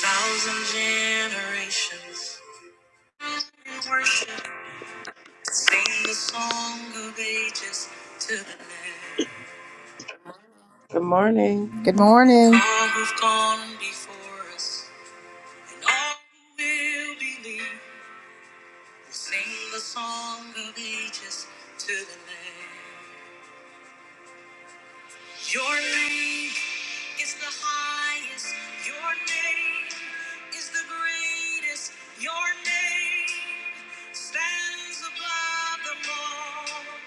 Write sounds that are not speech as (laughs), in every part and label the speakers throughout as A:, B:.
A: Thousand generations worship, sing the song of ages to the land.
B: Good morning.
A: Good morning. All who've gone before us and all who will believe will sing the song of ages to the land. Your name is the highest. Your name is the greatest. Your name stands above the law.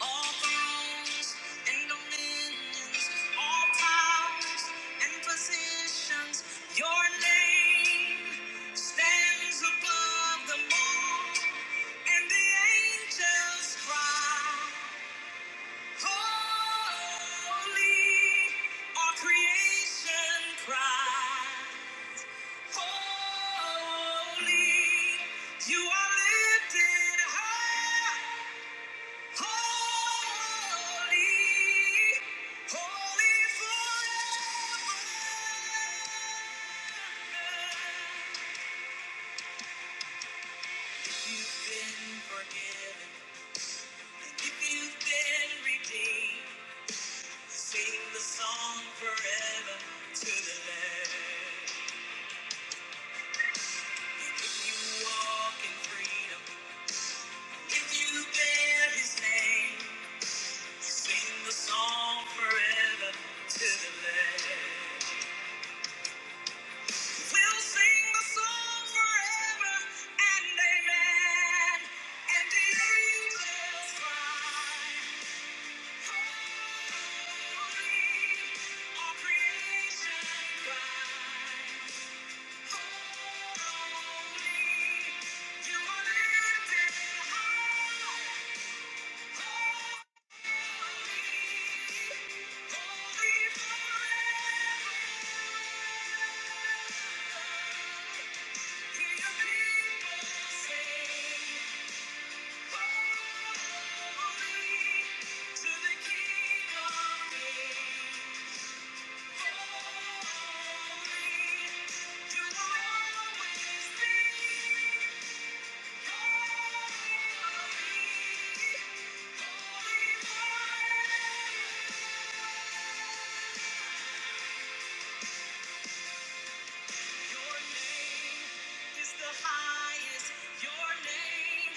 A: All thrones and dominions, all powers and positions, your name stands above them all. And the angels cry, Holy, all creation cry. Holy, you are lifted high. Holy, holy forever. If you've been forgiven, if you've been redeemed, sing the song forever to the Lamb. If you walk in freedom, if you bear His name, sing the song forever to the Lamb. We'll sing the song forever and amen. And the angels cry, holy, all creation cries, holy, you are lifted high, holy. Thank you. Your name is the highest. Your name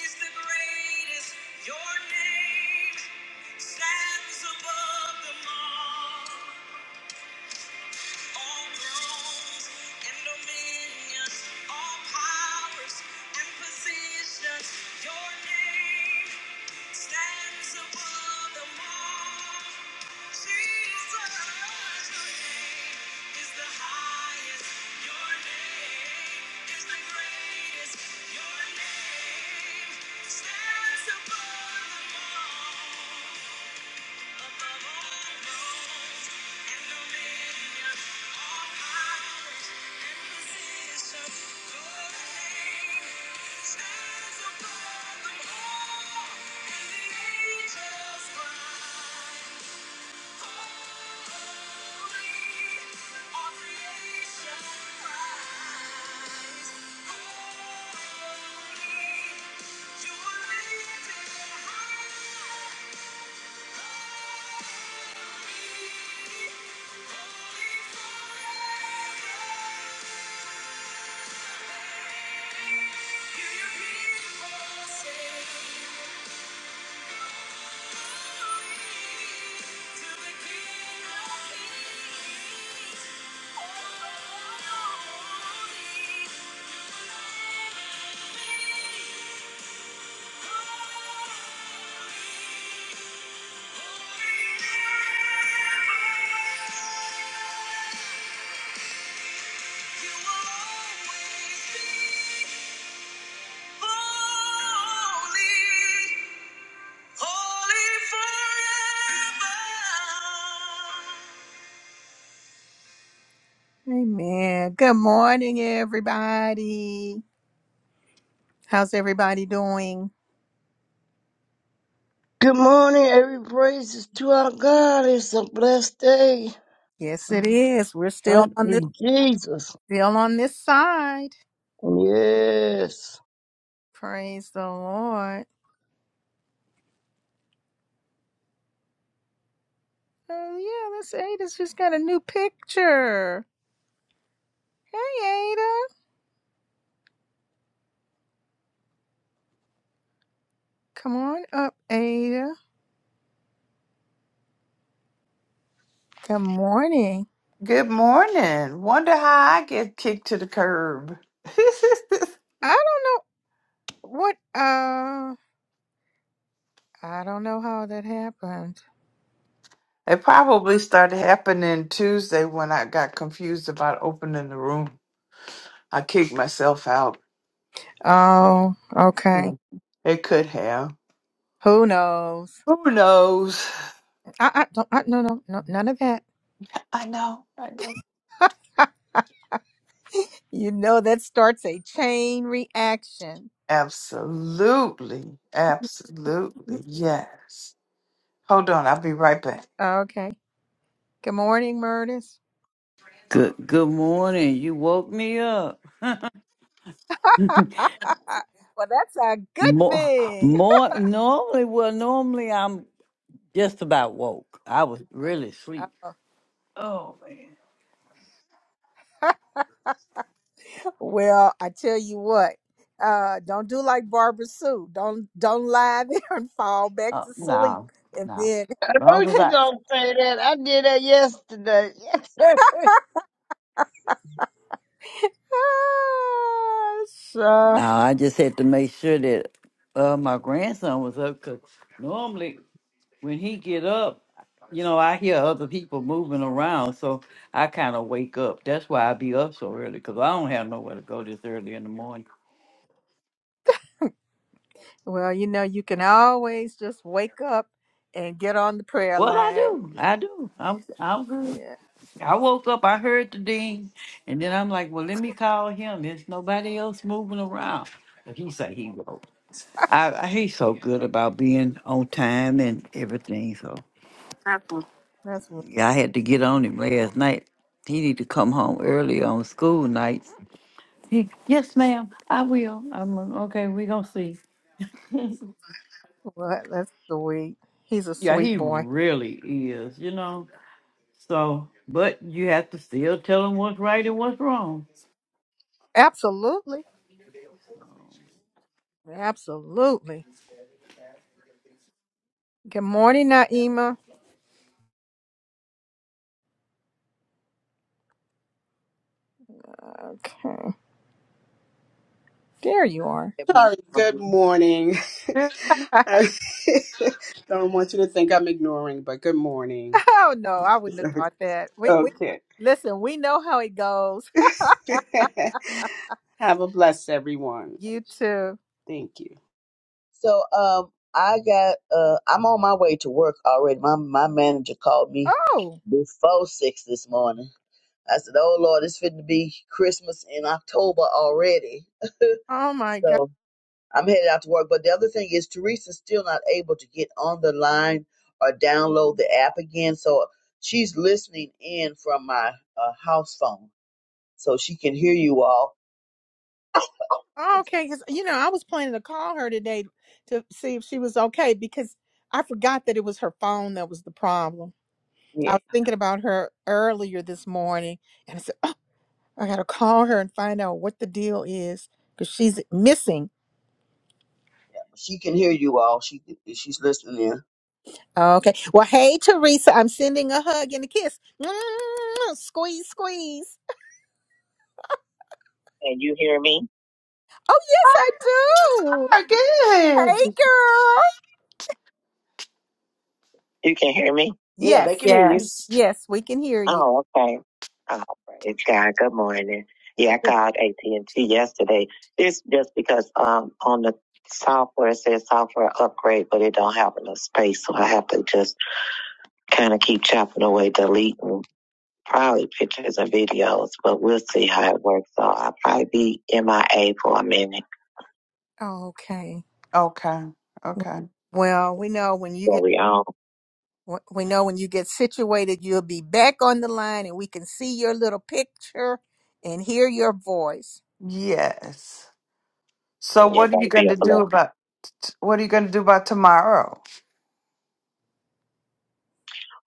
A: is the greatest. Your name stands above them all all thrones and dominions, all powers and positions. Your name stands above them all. Thank you. are living high. Thank you. Amen. Good morning, everybody. How's everybody doing?
C: Good morning. Every praise is to our God. It's a blessed day.
A: Yes, it is. We're
C: Thank
A: still on this
C: you, Jesus.
A: still on this side.
C: Yes.
A: Praise the Lord. Oh yeah, that's Ada's just got a new picture. Hey Ada. Come on up, Ada. Good morning.
D: Good morning. Wonder how I get kicked to the curb. (laughs) it
A: I don't know. What? Uh, I don't know how that happened.
D: probably started happening Tuesday when I got confused about opening the room. I kicked myself out.
A: Oh, okay.
D: Mm, It could have.
A: Who knows?
D: Who knows?
A: I, I don't. I, no, no, no, none of that.
D: I know. I know.
A: (laughs) you know that starts a chain reaction.
D: Absolutely. Absolutely. Yes. Hold on. I'll be right back.
A: Okay. Good morning, Murtis.
E: Good good morning. You woke me up.
A: (laughs) well, that's a good
E: More
A: thing.
E: more normally well normally I'm just about woke. I was really asleep.
A: Oh. (laughs) well, I tell you what. Uh, don't do like Barbara Sue. Don't don't lie there and fall back
E: Uh,
A: to sleep,
E: no,
A: and
E: no.
A: then
C: I
E: Long
C: know
A: (laughs)
E: as
C: she
E: I
C: gonna say that. I did that yesterday. (laughs)
E: no,
A: Sure.
E: I just had to make sure that uh, my grandson was up because normally when he get up, you know, I hear other people moving around, so I kind of wake up. That's why I be up so early because I don't have nowhere to go this early in the morning.
A: Well, you know, you can always just wake up and get on the prayer
E: Well, I
A: line.
E: do, I do. I'm I'm good.
A: Yeah,
E: I woke up, I heard the ding, and then I'm like, well, let me call him. There's nobody else moving around. But he said he will. I, I he's so good about being on time and everything. So
A: that's what.
E: yeah, I had to get on him last night. He need to come home early on school nights. He, yes, ma'am, I will. I'm like, okay. We gonna see.
A: That's sweet. He's a
E: Yeah,
A: sweet
E: he
A: boy.
E: really is. You know. So, but you have to still tell him what's right and what's wrong.
A: Absolutely. Absolutely. Good morning, Naima. Okay. There you are.
F: every
G: Sorry, good
F: morning.
G: morning.
D: (laughs) Good
A: (laughs)
G: (laughs) I don't want you to think I'm ignoring, but good morning.
A: oh no, I wouldn't
G: (laughs)
A: have thought that. We we
G: Okay.
A: listen, we know how it goes.
G: (laughs) Have a blessed everyone.
A: (laughs) you too.
G: Thank you.
F: So um, I got uh, I'm on my way to work already. My my manager called me
A: Oh.
F: before six this morning. I said, "Oh Lord, it's fitting to be Christmas in October already." (laughs)
A: Oh my God.
F: so I'm headed out to work. But the other thing is, Teresa's still not able to get on the line or download the app again. So she's listening in from my uh, house phone, so she can hear you all.
A: Oh, okay, because you know I was planning to call her today to see if she was okay because I forgot that it was her phone that was the problem.
F: Yeah,
A: I was thinking about her earlier this morning, and I said, "Oh, I gotta call her and find out what the deal is because she's missing."
F: yeah, she can hear you all. She she's listening in.
A: Okay. Well, hey Teresa, I'm sending a hug and a kiss. (laughs) Mwah, Squeeze, squeeze.
F: Can you hear me?
A: Oh yes, I do.
D: morning. Good.
A: Hey girl.
F: You can hear me? Yeah, they
A: Yes,
F: can hear you.
D: Yes.
A: yes, we can hear you.
F: Oh, okay. Oh, praise God. Good morning. Yeah, I called AT&T yesterday. It's just because um on the software it says software upgrade, but it don't have enough space, so I have to just kind of keep chopping away, deleting probably pictures and videos. But we'll see how it works. So I'll probably be MIA for a minute.
A: Okay.
D: Okay. Okay.
A: Well, we know when you get.
F: Glory on.
A: We we know when you get situated, you'll be back on the line and we can see your little picture and hear your voice.
D: Yes. So what
F: It's
D: are you
F: gonna be
D: going
F: a
D: to do
F: blessing.
D: about what are you going to do about tomorrow?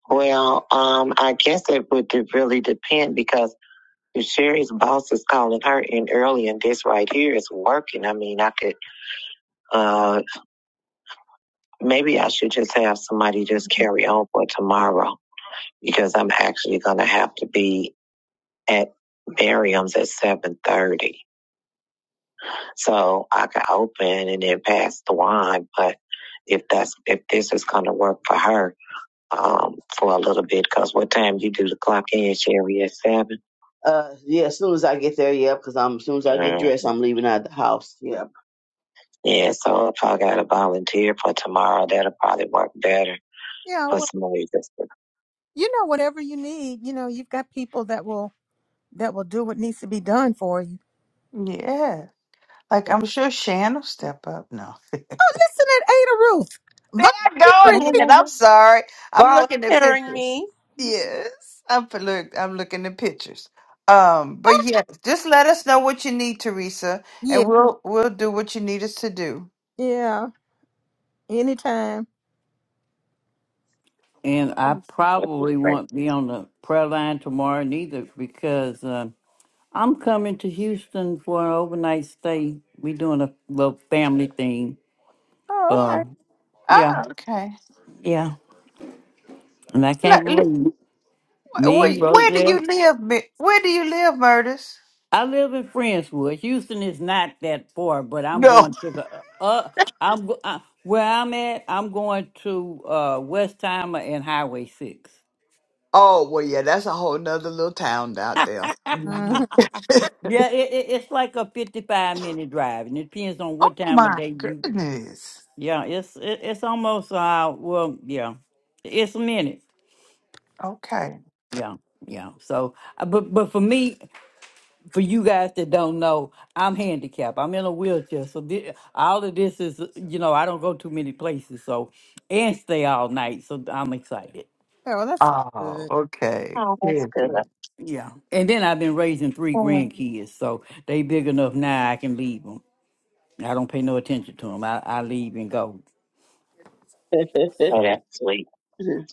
F: Well, um, I guess it would de- really depend because if Sherry's boss is calling her in early and this right here is working, I mean, I could, uh, maybe I should just have somebody just carry on for tomorrow because I'm actually going to have to be at Miriam's at 7.30. So I could open and then pass the wine, but if that's, if this is going to work for her, um, for a little bit because what time you do the clock in, Sherry, at 7? Uh, yeah, as soon as I get there, yeah, because I'm as soon as I get Mm. dressed, I'm leaving out the house. Yeah. Yeah, so if I got to volunteer for tomorrow, that'll probably work better
A: Yeah,
F: for
A: well,
F: some of you. That's good.
A: you know, whatever you need, you know, you've got people that will that will do what needs to be done for you.
D: Yeah. Like I'm sure Shan will step up. No.
A: Oh, listen at Ada Ruth.
D: There I go
A: Volunteering (laughs) people.
D: again. I'm sorry. I'm looking at
B: Volunteering
D: pictures.
B: me.
D: Yes. I'm for- look I'm looking at pictures. Um, but
A: Oh,
D: yeah, just let us know what you need, Teresa,
A: yeah,
D: and we'll we'll do what you need us to do.
A: yeah. Anytime.
E: And I
F: That'll be
E: probably
F: great.
E: won't be on the prayer line tomorrow neither because uh, I'm coming to Houston for an overnight stay. we doing a little family thing.
A: Oh,
E: Uh,
A: okay.
E: yeah,
D: Oh, okay.
E: yeah. And I can't
D: Like, li-
E: believe it.
D: Where,
E: me,
D: where do you
E: Rosette.
D: live? Mi- Where do you live, Murders?
E: I live in Friendswood. Houston is not that far, but I'm
D: No.
E: going to the uh, uh, I'm go- uh, where I'm at. I'm going to uh, Westheimer and Highway Six.
D: Oh well, yeah, that's a whole nother little town out there.
A: hmm
D: Mhm. (laughs)
E: Yeah, it, it, it's like a 55 minute drive, and it depends on
D: Oh
E: what time of
D: my
E: day you
D: goodness.
E: Yeah, it's it, it's almost uh well yeah, it's a minute.
D: Okay.
E: Yeah, yeah. So, uh, but but for me, for you guys that don't know, I'm handicapped. I'm in a wheelchair, so thi- all of this is you know I don't go too many places, so and stay all night. So I'm excited.
A: Oh, well, that's
D: Oh,
A: good.
D: okay.
F: Oh, that's
D: Busy.
F: good.
E: Yeah, and then I've been raising three
F: Mm.
E: grandkids, so they big enough now I can leave them. I don't pay no attention to them. I I leave and go.
F: (laughs) Oh,
E: So.
F: that's sweet.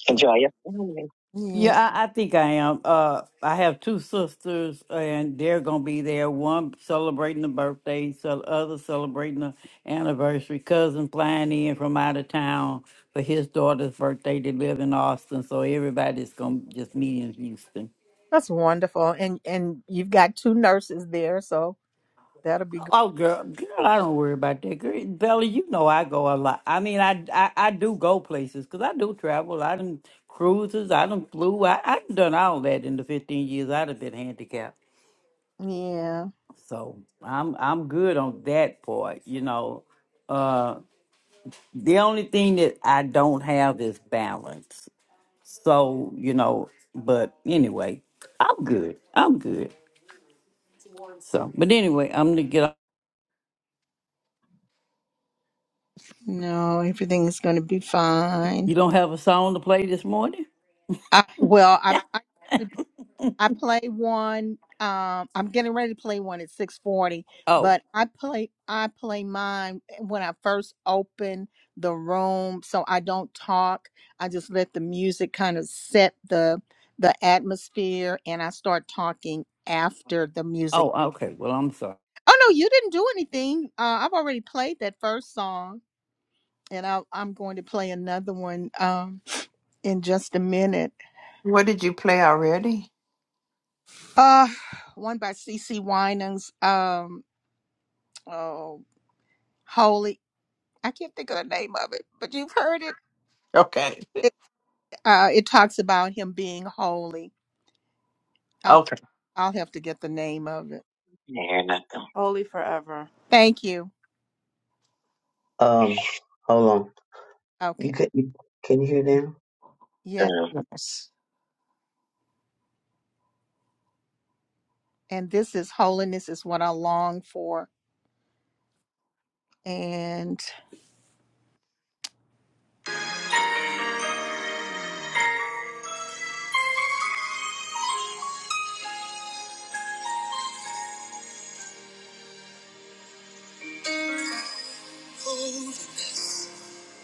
E: yeah.
F: Enjoy your family.
A: Yeah.
E: Yeah, I, I think I am. Uh, I have two sisters, and they're gonna be there. One celebrating the birthday, so other celebrating the anniversary. Cousin flying in from out of town for his daughter's birthday. They live in Austin, so everybody's gonna just meet in Houston.
A: That's wonderful. And and you've got two nurses there, so that'll be good.
E: Oh, girl, girl, I don't worry about that. Girl, Bella, you know I go a lot. I mean, I I, I do go places because I do travel. I done cruises. I done flew. I I done all that in the fifteen years I'd have been handicapped.
A: Yeah.
E: So I'm I'm good on that part, you know. Uh the only thing that I don't have is balance. So, you know, but anyway, I'm good. I'm good. So but anyway, I'm gonna get
A: No, everything's going to be fine.
E: you don't have a song to play this morning?
A: I, well, I, I I play one. Um, I'm getting ready to play one at 6:40,
E: Oh,
A: but I play I play mine when I first open the room, so I don't talk. I just let the music kind of set the the atmosphere, and I start talking after the music.
E: oh, okay. Well I'm sorry.
A: Oh no, you didn't do anything. Uh, I've already played that first song, and I, I'm going to play another one. Um. in just a minute.
D: What did you play already?
A: Uh, one by C. C. Winans. Um, oh, holy. I can't think of the name of it, but you've heard it.
D: Okay.
A: It, uh, it talks about him being holy. Uh,
D: Okay.
A: I'll have to get the name of it.
F: I hear nothing.
B: Holy forever.
A: Thank you.
F: um, hold on. You
A: Okay.
F: can you, can you hear now?
A: Yes.
D: Yes.
A: And this is holiness is what I long for. And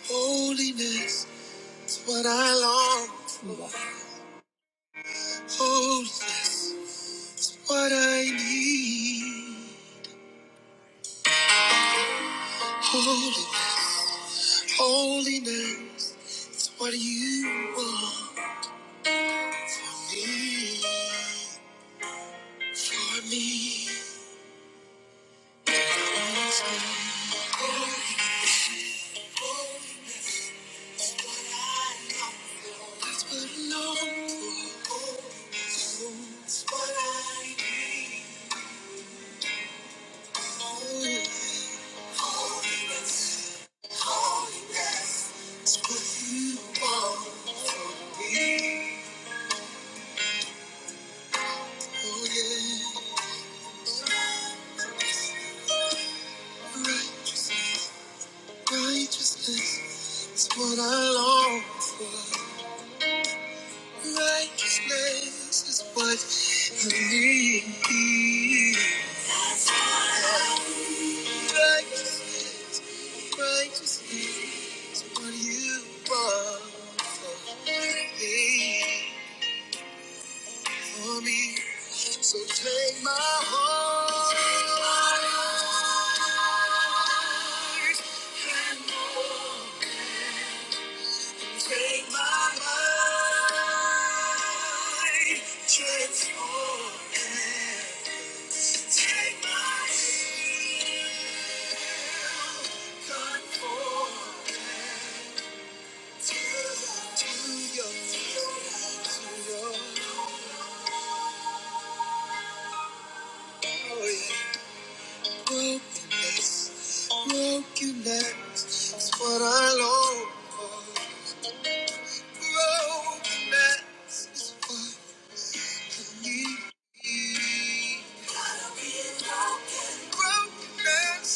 A: holiness. What I long
F: Mm.
A: for, holy, what I need. Holy, holiness, is what you want for me, for me. That's what I long for. That's what I need. Holiness, holiness is what you want from me. Oh, yeah. Righteous, righteousness is what I long for. Righteousness is what I need. Righteousness, righteousness is what you want from me. for me. So take my heart and walk, and take my mind, transform and take my will, conform and to, to your, to your, to your, oh yeah. Brokenness, brokenness is what I long for. Brokenness is what I need. Gotta be broken. Brokenness,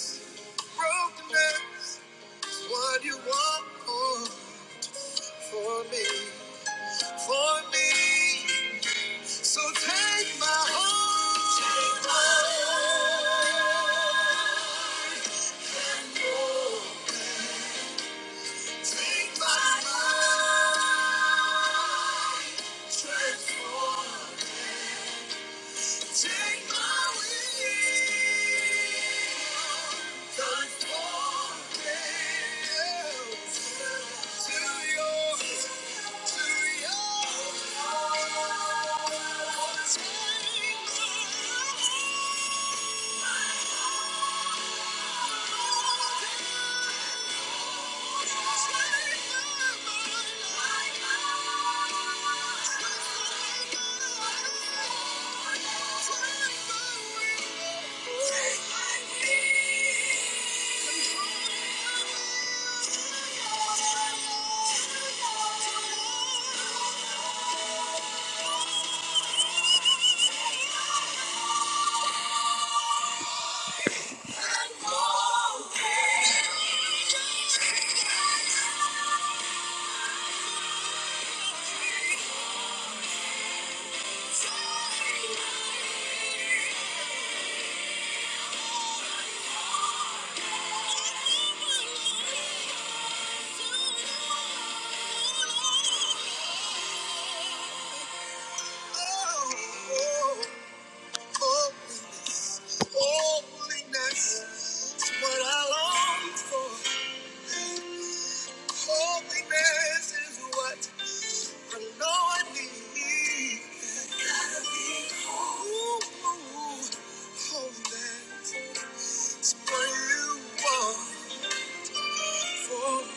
A: brokenness is what you want for, for me, for me. So take my heart. Take my heart. Take my mind, transform it. Take my will, conform it to yours, to yours. Take my Thank you. Holiness is what I long for. Holiness is what I know I need. got Holiness is what you want for. me.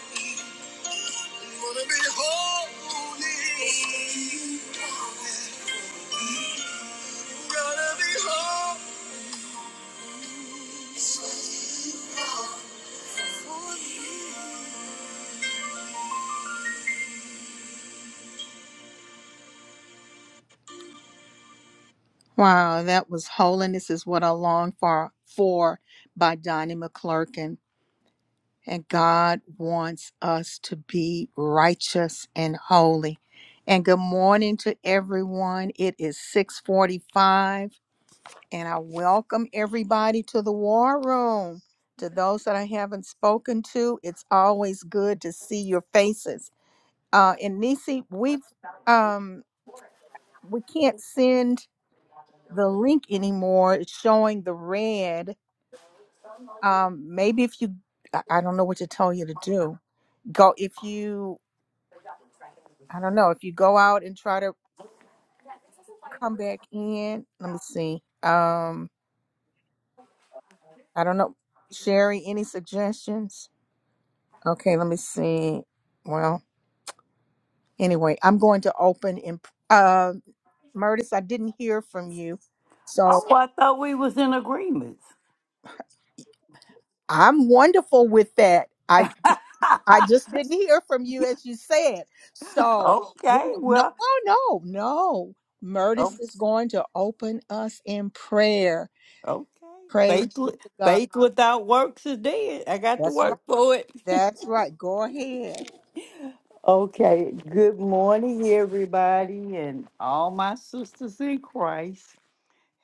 A: Wow, that was Holiness is What I Long for, for by Donnie McClurkin. And God wants us to be righteous and holy. And good morning to everyone. It is 645. And I welcome everybody to the war room. To those that I haven't spoken to, it's always good to see your faces. Uh, and Nisi, we've um, we can't send the link anymore. It's showing the red. Um, maybe if you, I I don't know what to tell you to do. Go if you, I don't know if you go out and try to come back in. Let me see. Um, I don't know, Sherry. Any suggestions? Okay, let me see. Well, anyway, I'm going to open in uh Murtis, I didn't hear from you. So
E: Oh, I thought we was in agreement.
A: I'm wonderful with that. I
E: (laughs)
A: I just didn't hear from you as you said. So we
E: okay,
A: no
E: well
A: no no no.
E: oh,
A: Murtis is going to open us in prayer.
E: okay.
A: Praise
E: Faith,
A: be
E: with-
A: to God.
E: faith without works is dead. I got to
A: That's right.
E: work for it.
A: That's right. Go ahead.
E: Okay, good morning, everybody, and all my sisters in Christ.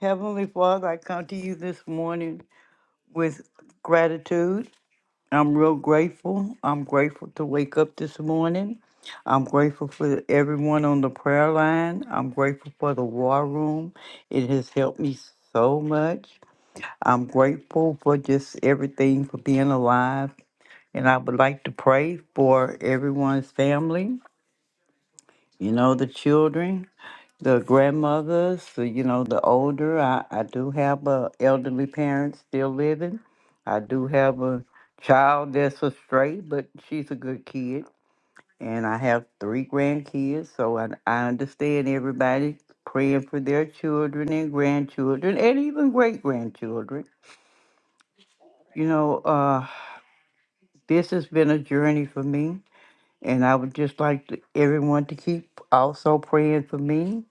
E: Heavenly Father, I come to you this morning with gratitude. I'm real grateful. I'm grateful to wake up this morning. I'm grateful for everyone on the prayer line. I'm grateful for the war room. It has helped me so much. I'm grateful for just everything, for being alive. And I would like to pray for everyone's family. you know, the children, the grandmothers, the, you know, the older. I, I do have a elderly parents still living. I do have a child that's a stray, but she's a good kid. And I have three grandkids, so I, I understand everybody praying for their children and grandchildren and even great grandchildren. You know, uh, this has been a journey for me, and I would just like to, everyone to keep also praying for me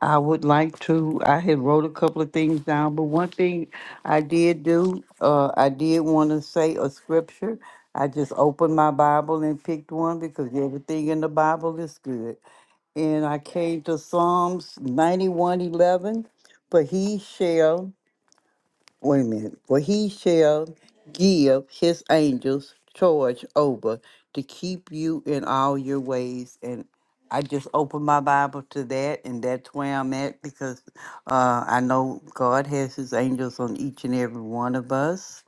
E: I would like to, I had wrote a couple of things down, but one thing I did do, uh, I did want to say a scripture. I just opened my Bible and picked one because everything in the Bible is good. And I came to Psalms 91:11, for he shall wait a minute, for he shall give his angels charge over to keep you in all your ways. And I just opened my Bible to that, and that's where I'm at because uh, I know God has his angels on each and every one of us.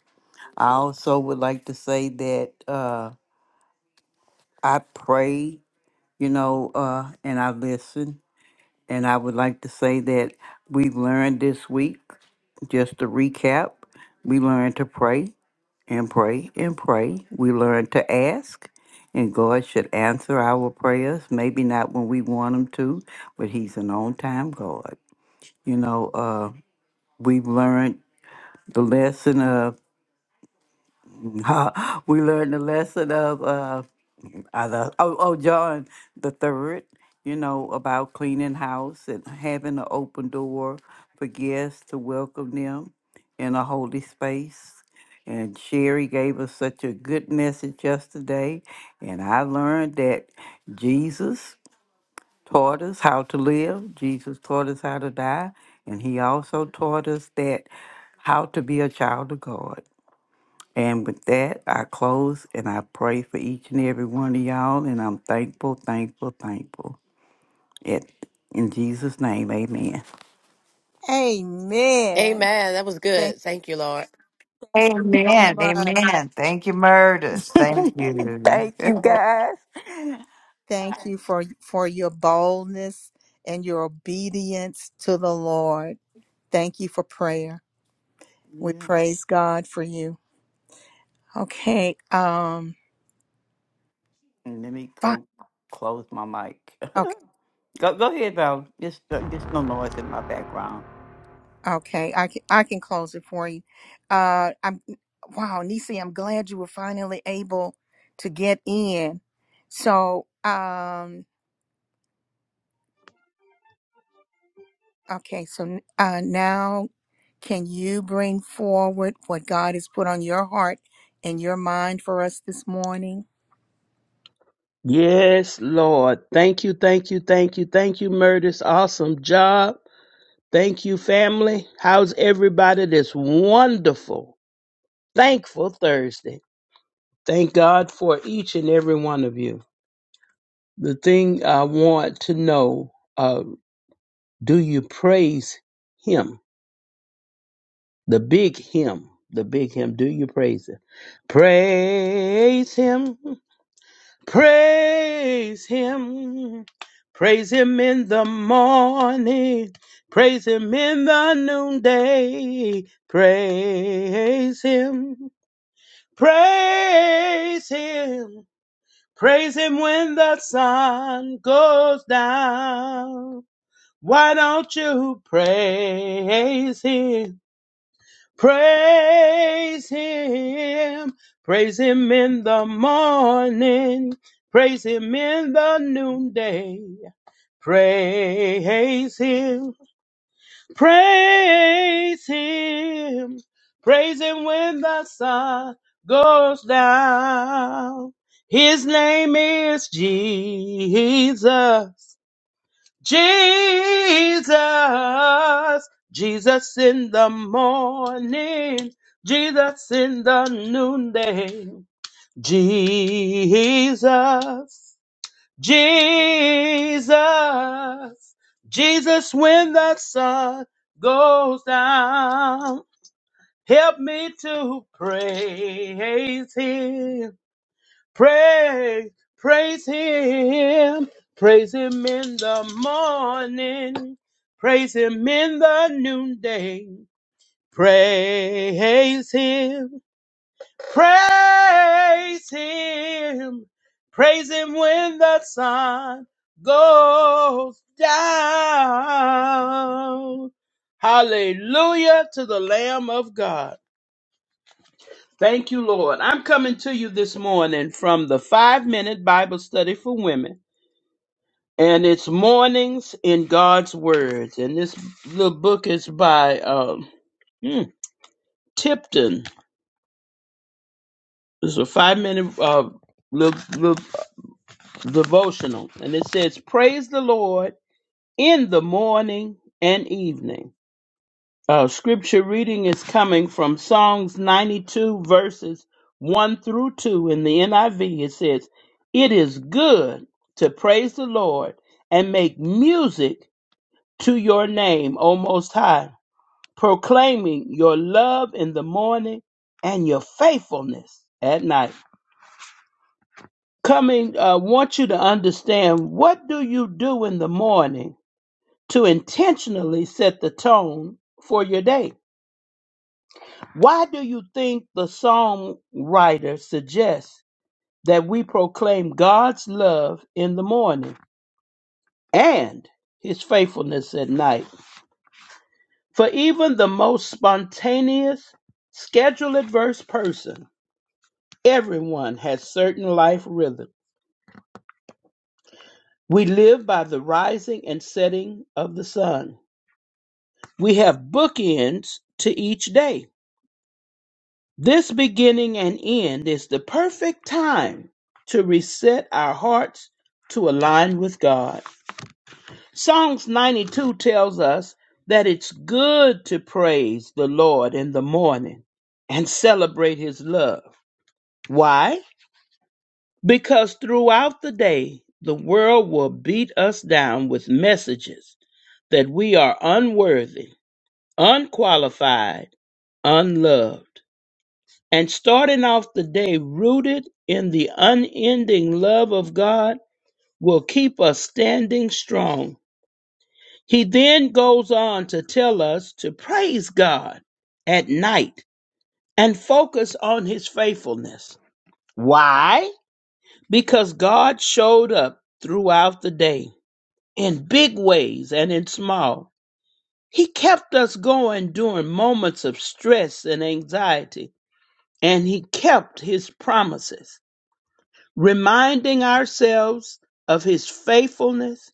E: I also would like to say that uh, I pray, you know, uh, and I listen. And I would like to say that we've learned this week, just to recap, we learned to pray and pray and pray. We learn to ask, and God should answer our prayers. Maybe not when we want Him to, but He's an on time God. You know, uh, we've learned the lesson of, (laughs) we learned the lesson of. uh, I love, oh, oh, John the third, you know, about cleaning house and having an open door for guests to welcome them in a holy space. And Sherry gave us such a good message yesterday. And I learned that Jesus taught us how to live, Jesus taught us how to die, and he also taught us that how to be a child of God. And with that, I close and I pray for each and every one of y'all. And I'm thankful, thankful, thankful. It, in Jesus' name, amen.
A: Amen. Thank you so
D: Amen.
A: much.
D: Amen. Thank you, Murders. Thank
E: (laughs)
D: you.
E: Thank
D: (laughs)
E: you,
A: Lord.
E: guys.
A: Thank you for for your boldness and your obedience to the Lord. Thank you for prayer. We
E: Yes.
A: praise God for you. Okay. Um.
E: And let me
A: Fine.
E: go close my mic.
A: Okay.
E: (laughs) go, go ahead, Val. Just, uh, just no noise in my background.
A: Okay. I can I can close it for you. Uh. I'm. Wow, Nisi. I'm glad you were finally able to get in. So. Um. Okay. So. Uh. Now, can you bring forward what God has put on your heart and your mind for us this morning?
H: Yes, Lord. Thank you, thank you, thank you, thank you, Murdis. Awesome job. Thank you, family. How's everybody this wonderful, thankful Thursday? Thank God for each and every one of you. The thing I want to know uh, do you praise Him? The big Him. The big Him. Do you praise Him? Praise Him. Praise him. Praise him in the morning. Praise him in the noonday. Praise him. Praise him. Praise him when the sun goes down. Why don't you praise him? Praise him. Praise him in the morning. Praise him in the noonday. Praise him. Praise him. Praise him when the sun goes down. His name is Jesus. Jesus, Jesus in the morning, Jesus in the noonday, Jesus, Jesus, Jesus when the sun goes down. Help me to praise him. Praise, praise him, praise him in the morning, praise him in the noonday, praise him, praise him, praise him when the sun goes down. Hallelujah to the Lamb of God. Thank you, Lord. I'm coming to you this morning from the five minute Bible study for women. And it's Mornings in God's Words. And this little book is by um, hmm, Tipton. It's a five minute uh, little, little devotional. And it says, Praise the Lord in the morning and evening. Uh, scripture reading is coming from Psalms 92, verses 1 through 2 in the NIV. It says, It is good to praise the Lord and make music to your name, O Most High, proclaiming your love in the morning and your faithfulness at night. Coming, I uh, want you to understand what do you do in the morning to intentionally set the tone for your day? Why do you think the psalm writer suggests that we proclaim God's love in the morning and his faithfulness at night? For even the most spontaneous, schedule adverse person, everyone has certain life rhythm. We live by the rising and setting of the sun. We have bookends to each day. This beginning and end is the perfect time to reset our hearts to align with God. Psalms 92 tells us that it's good to praise the Lord in the morning and celebrate his love. Why? Because throughout the day, the world will beat us down with messages that we are unworthy, unqualified, unloved. And starting off the day rooted in the unending love of God will keep us standing strong. He then goes on to tell us to praise God at night and focus on his faithfulness. Why? Because God showed up throughout the day in big ways and in small. He kept us going during moments of stress and anxiety, and he kept his promises. Reminding ourselves of his faithfulness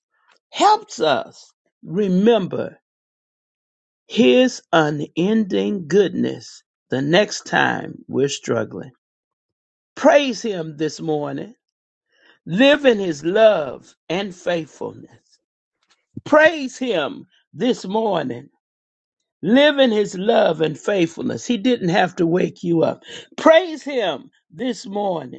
H: helps us remember his unending goodness the next time we're struggling. Praise him this morning. Live in his love and faithfulness. Praise him this morning. Live in his love and faithfulness. He didn't have to wake you up. Praise him this morning.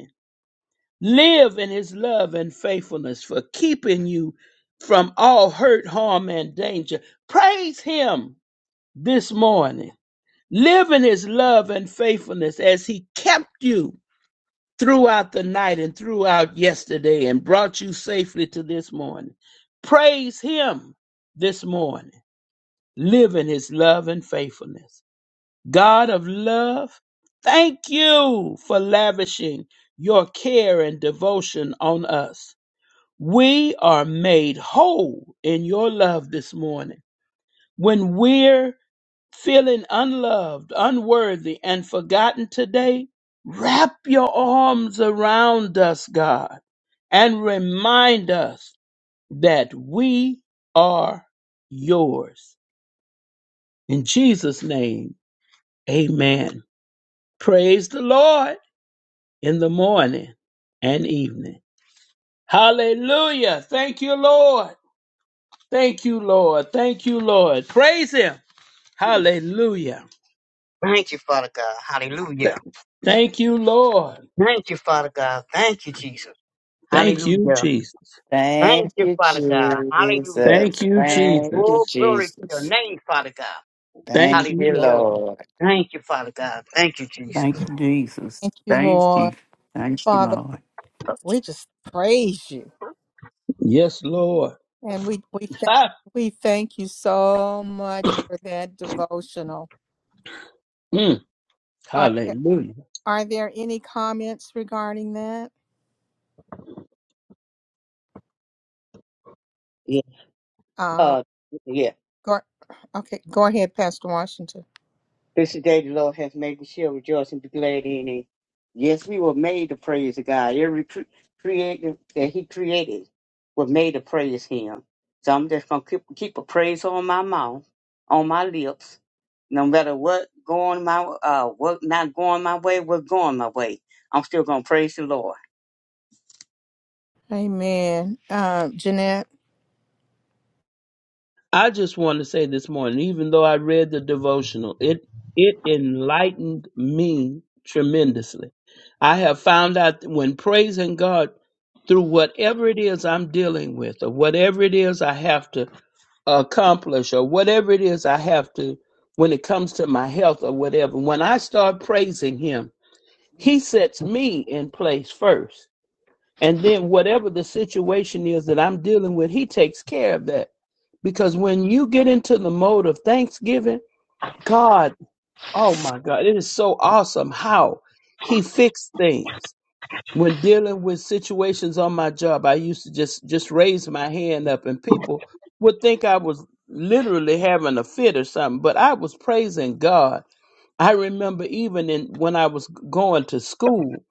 H: Live in his love and faithfulness for keeping you from all hurt, harm, and danger. Praise him this morning. Live in his love and faithfulness as he kept you throughout the night and throughout yesterday and brought you safely to this morning. Praise him this morning. Live in his love and faithfulness. God of love, thank you for lavishing your care and devotion on us. We are made whole in your love this morning. When we're feeling unloved, unworthy, and forgotten today, wrap your arms around us, God, and remind us that we are yours. In Jesus' name, amen. Praise the Lord in the morning and evening. Hallelujah. Thank you, Lord. Thank you, Lord. Thank you, Lord. Praise Him. Hallelujah.
I: Thank you, Father God. Hallelujah.
H: Thank you, Lord.
I: Thank you, Father God. Thank you, Jesus.
H: Thank you,
I: Hallelujah.
H: Jesus.
I: Thank
D: Thank
I: you,
D: you,
I: Father God. Hallelujah.
H: Thank
D: Jesus.
H: you,
D: Thank you,
I: Oh,
H: Jesus.
I: glory to your
D: Jesus.
I: name, Father God.
H: Thank
D: Thank
H: you,
D: you,
I: Hallelujah.
H: Lord.
D: Lord.
I: Thank you, Father God. Thank you, Jesus.
E: Thank you, Jesus.
A: Thank you,
E: Thank
A: Lord
E: you. Thank you,
A: Father.
E: Lord.
A: We just praise you.
H: Yes, Lord.
A: And we we thank,
H: Ah,
A: we thank you so much for that devotional.
H: mm,
A: Are there-
H: hallelujah.
A: are there any comments regarding that?
I: Yeah.
A: Uh,
I: Uh, yeah.
A: go, okay, go ahead, Pastor Washington.
I: This is the day the Lord has made. We shall rejoice and be glad in it. Yes, we were made to praise God. Every cre- creator that He created was made to praise Him. So I'm just gonna keep, keep a praise on my mouth, on my lips, no matter what going my uh what not going my way, what going my way. I'm still gonna praise the Lord. (laughs)
A: Amen. Um, Jeanette.
H: I just want to say this morning, even though I read the devotional, it it enlightened me tremendously. I have found out that when praising God through whatever it is I'm dealing with or whatever it is I have to accomplish or whatever it is I have to when it comes to my health or whatever. When I start praising him, he sets me in place first. And then whatever the situation is that I'm dealing with, he takes care of that. Because when you get into the mode of thanksgiving, God, oh my God, it is so awesome how he fixed things when dealing with situations on my job, I used to just just raise my hand up, and people would think I was literally having a fit or something. But I was praising God. I remember even in when I was going to school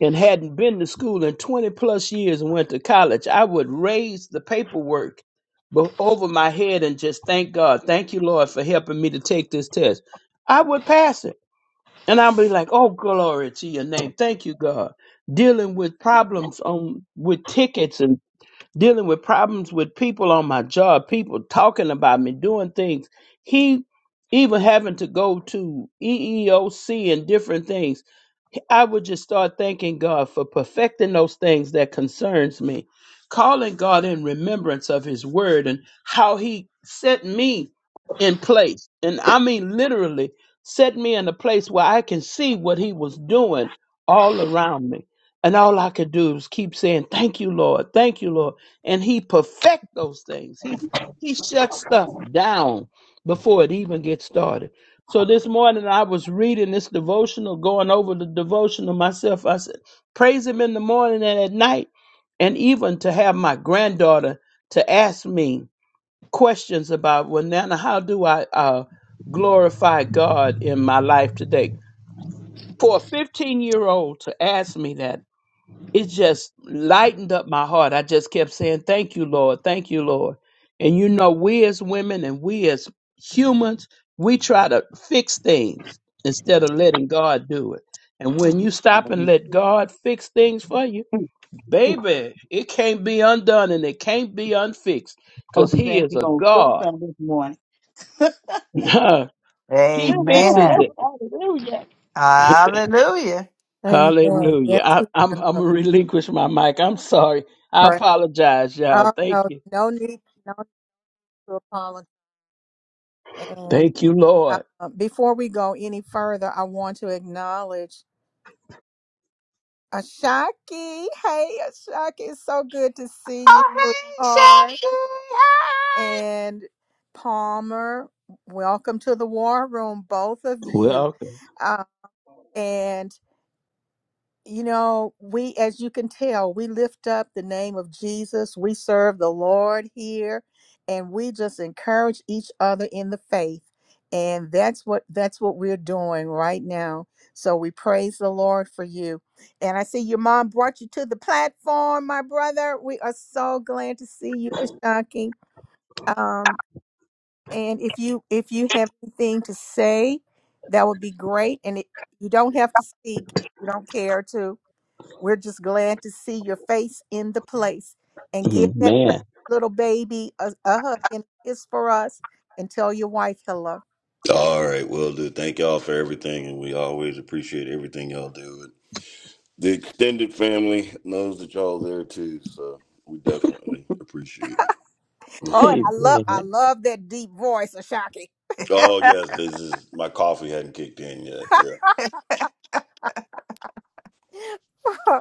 H: and hadn't been to school in twenty plus years and went to college, I would raise the paperwork be- over my head and just thank God, thank you, Lord, for helping me to take this test. I would pass it. And I'll be like, oh, glory to your name. Thank you, God. Dealing with problems on with tickets and dealing with problems with people on my job, people talking about me, doing things. He even having to go to EEOC and different things. I would just start thanking God for perfecting those things that concerns me, calling God in remembrance of His Word and how He set me in place, and I mean literally set me in a place where I can see what He was doing all around me, and all I could do was keep saying, "Thank you, Lord. Thank you, Lord." and he perfect those things. He he shuts stuff down before it even gets started. So this morning I was reading this devotional, going over the devotional myself. I said, praise him in the morning and at night. And even to have my granddaughter to ask me questions about, well, Nana, how do I uh, glorify God in my life today? For a 15 year old to ask me that it just lightened up my heart. I just kept saying, Thank you, Lord. Thank you, Lord. And you know, we as women and we as humans, we try to fix things instead of letting God do it. And when you stop and let God fix things for you, baby, it can't be undone and it can't be unfixed because
I: I'm
H: He
I: glad
H: is
I: you're
H: a
I: going to show
H: God.
I: up this morning.
H: (laughs)
I: (laughs)
H: he fixes
D: Amen.
H: it.
I: Hallelujah.
D: Hallelujah.
A: Amen.
H: Hallelujah.
A: Yes,
H: I,
A: we
H: I'm, I'm
A: do.
H: going to relinquish my mic. I'm sorry. I
A: Pray.
H: apologize, y'all.
A: Oh
H: Thank
A: no,
H: you.
A: no need, no need to apologize. And
H: Thank you, Lord.
A: uh, before we go any further, I want to acknowledge Ashaki. Hey, Ashaki, it's so good to see you,
D: Oh, hey,
A: sweetheart.
D: Shaggy.
A: and Palmer, welcome to the war room, both of you.
H: Welcome.
A: Uh, and, you know, we, as you can tell, we lift up the name of Jesus. We serve the Lord here, and we just encourage each other in the faith. And that's what that's what we're doing right now. So we praise the Lord for you. And I see your mom brought you to the platform, my brother. We are so glad to see you, Ashaki. And if you if you have anything to say, that would be great. And it, you don't have to speak if you don't care to. We're just glad to see your face in the place and give that precious
H: Man.
A: little baby a, a hug and a kiss for us and tell your wife hello.
J: All right, will do. Thank y'all for everything, and we always appreciate everything y'all do. The extended family knows that y'all there too, so we definitely appreciate it.
A: Oh,
J: hmm
A: and
H: Hey,
A: I love I
H: man.
A: love that deep voice, Ashaki.
J: Oh yes, this is my coffee hadn't kicked in yet. Yeah,
A: (laughs)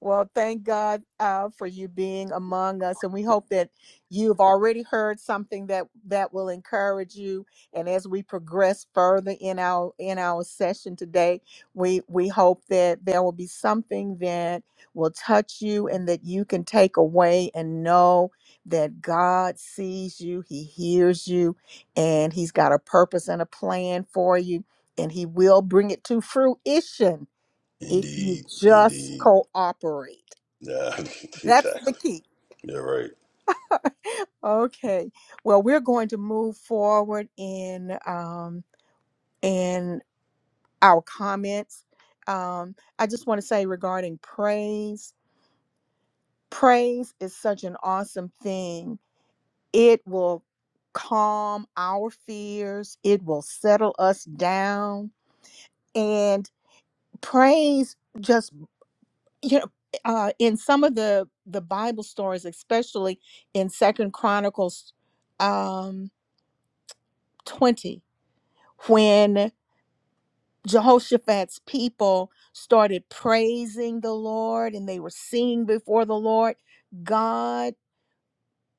A: well, thank God uh, for you being among us, and we hope that you've already heard something that that will encourage you. And as we progress further in our in our session today, we we hope that there will be something that will touch you, and that you can take away and know that God sees you, He hears you, and He's got a purpose and a plan for you, and He will bring it to fruition if you
J: indeed,
A: just
J: indeed.
A: cooperate.
J: Yeah, (laughs)
A: That's the
J: exactly.
A: key.
J: Yeah, right.
A: Okay. Well, we're going to move forward in um, in our comments. Um, I just want to say regarding praise, praise is such an awesome thing. It will calm our fears. It will settle us down, and praise just you know uh in some of the the bible stories especially in second chronicles um 20 when jehoshaphat's people started praising the lord and they were singing before the lord god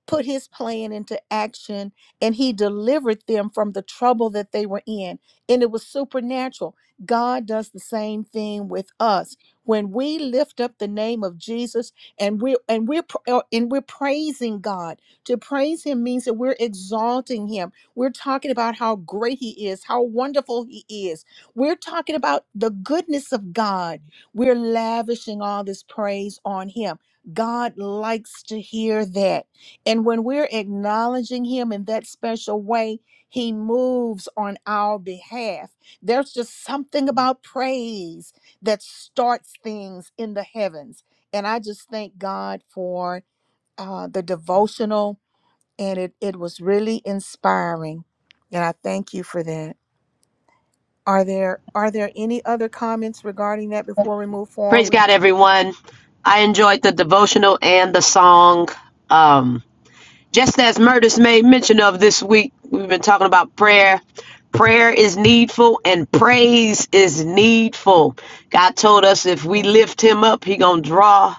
A: put his plan into action and he delivered them from the trouble that they were in. And it was supernatural. God does the same thing with us. When we lift up the name of Jesus and we and we're pr- uh, and we're praising God. To praise him means that we're exalting him. We're talking about how great he is, how wonderful he is. We're talking about the goodness of God. We're lavishing all this praise on him. God likes to hear that. And when we're acknowledging him in that special way, he moves on our behalf. There's just something about praise that starts things in the heavens. And I just thank God for uh, the devotional, and it, it was really inspiring. And I thank you for that. Are there are there any other comments regarding that before we move
K: Praise
A: forward?
K: God, everyone. I enjoyed the devotional and the song. Um, just as Murders made mention of this week, we've been talking about prayer. Prayer is needful and praise is needful. God told us if we
A: Yes.
K: lift him up, he gonna draw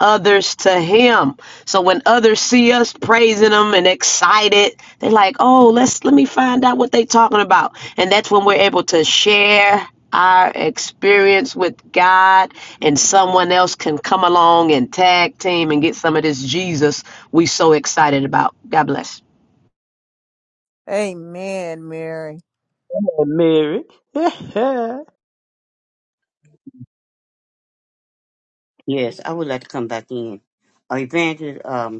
K: others to him. So when others see us praising him and excited, they're like, "Oh, let's let me find out what they talking about." And that's when we're able to share our experience with God and someone else can come along and tag team and get some of this Jesus we so excited about. God bless.
A: Amen, Mary.
H: Hey, Mary. (laughs)
I: Yes, I would like to come back in. Uh, evangelist um,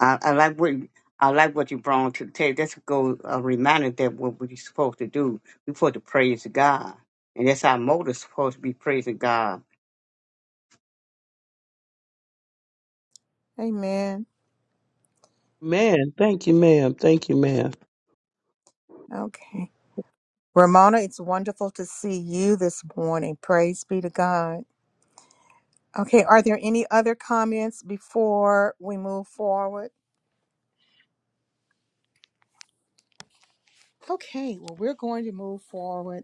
I: I, I like what I like what you brought to the table. That's a go a reminder that what we're supposed to do. We're supposed to praise God, and that's our motive. Supposed to be praising God.
A: Amen.
H: man, thank you, ma'am. Thank you, ma'am.
A: Okay. Ramona, it's wonderful to see you this morning. Praise be to God. Okay, are there any other comments before we move forward? Okay, well, we're going to move forward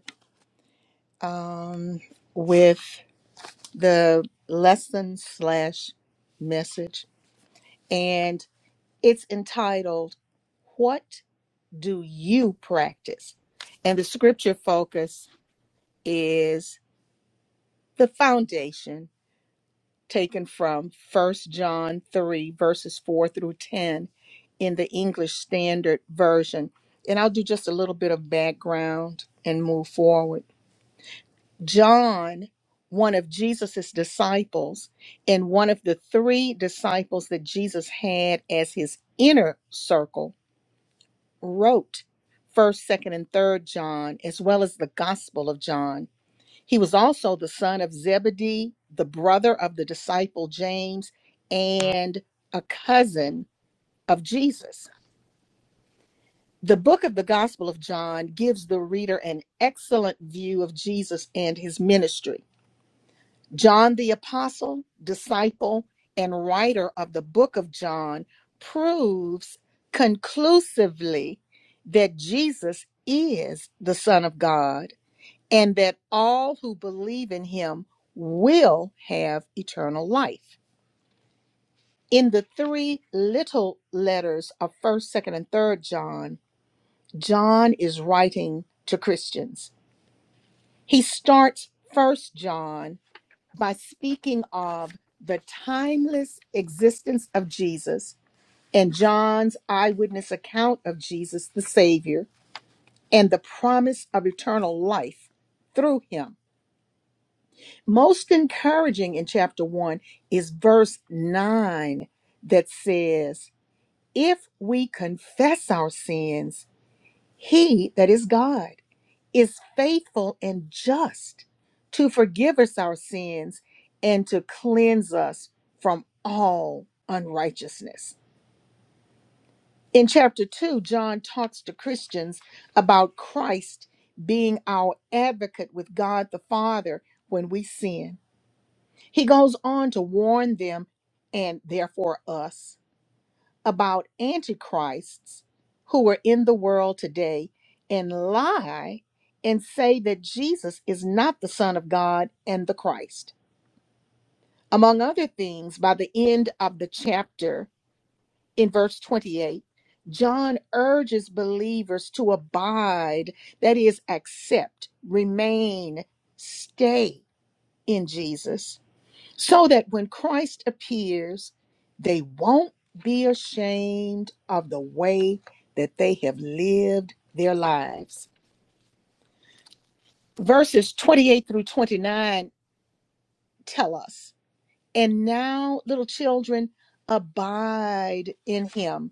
A: um, with the lesson slash message, and it's entitled, What Do You Practice? And the scripture focus is the foundation taken from First John 3, verses 4 through 10 in the English Standard Version. And I'll do just a little bit of background and move forward. John, one of Jesus's disciples, and one of the three disciples that Jesus had as his inner circle, wrote 1st, 2nd, and 3rd John, as well as the Gospel of John. He was also the son of Zebedee, the brother of the disciple James, and a cousin of Jesus. The book of the Gospel of John gives the reader an excellent view of Jesus and his ministry. John the apostle, disciple, and writer of the book of John proves conclusively that Jesus is the Son of God and that all who believe in him will have eternal life. In the three little letters of 1st, 2nd, and 3rd John, John is writing to Christians. He starts 1st John by speaking of the timeless existence of Jesus and John's eyewitness account of Jesus the Savior and the promise of eternal life through him. most encouraging in chapter 1 is verse 9 that says, If we confess our sins, he, that is God, is faithful and just to forgive us our sins and to cleanse us from all unrighteousness. In chapter 2, John talks to Christians about Christ being our advocate with God the Father when we sin. He goes on to warn them, and therefore us, about antichrists who are in the world today and lie and say that Jesus is not the Son of God and the Christ. Among other things, by the end of the chapter, in verse 28, John urges believers to abide, that is, accept, remain, stay in Jesus so that when Christ appears, they won't be ashamed of the way that they have lived their lives. Verses 28 through 29 tell us, and now, little children, abide in him,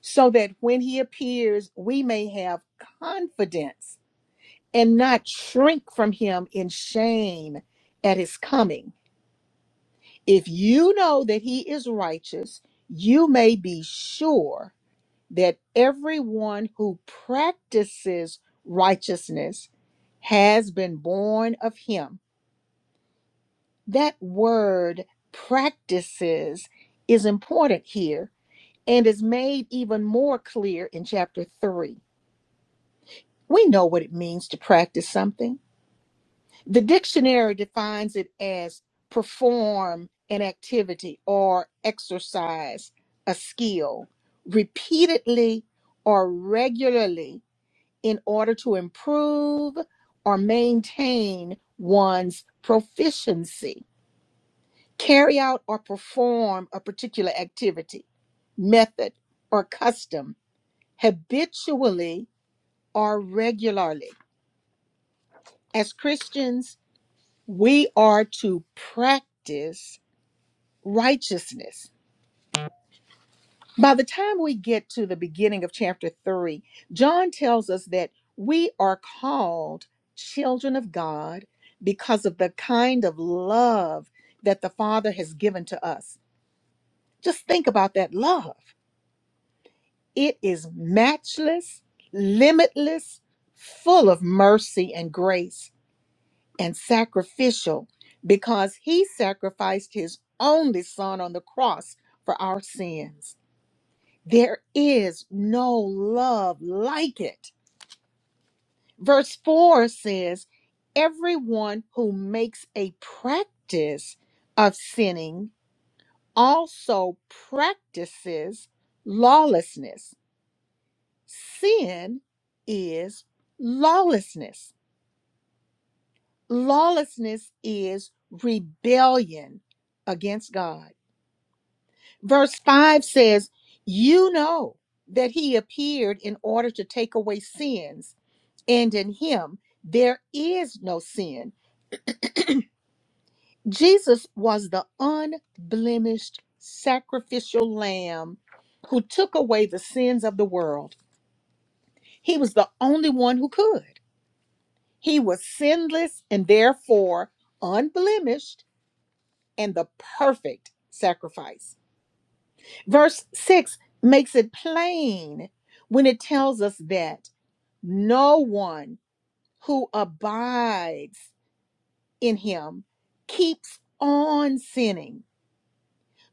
A: so that when he appears, we may have confidence and not shrink from him in shame at his coming. If you know that he is righteous, you may be sure that everyone who practices righteousness has been born of him. That word practices is important here and is made even more clear in chapter 3. We know what it means to practice something The dictionary defines it as perform an activity or exercise a skill repeatedly or regularly in order to improve or maintain one's proficiency. Carry out or perform a particular activity, method, or custom habitually or regularly. As Christians, we are to practice righteousness. By the time we get to the beginning of chapter 3, John tells us that we are called children of God because of the kind of love that the Father has given to us. Just think about that love. It is matchless, limitless, full of mercy and grace, and sacrificial because He sacrificed His only Son on the cross for our sins. There is no love like it. Verse 4 says, Everyone who makes a practice of sinning also practices lawlessness. Sin is lawlessness. Lawlessness is rebellion against God. Verse 5 says, You know that he appeared in order to take away sins and in him there is no sin. Jesus was the unblemished sacrificial lamb who took away the sins of the world. He was the only one who could. He was sinless and therefore unblemished and the perfect sacrifice. Verse 6 makes it plain when it tells us that no one who abides in him keeps on sinning.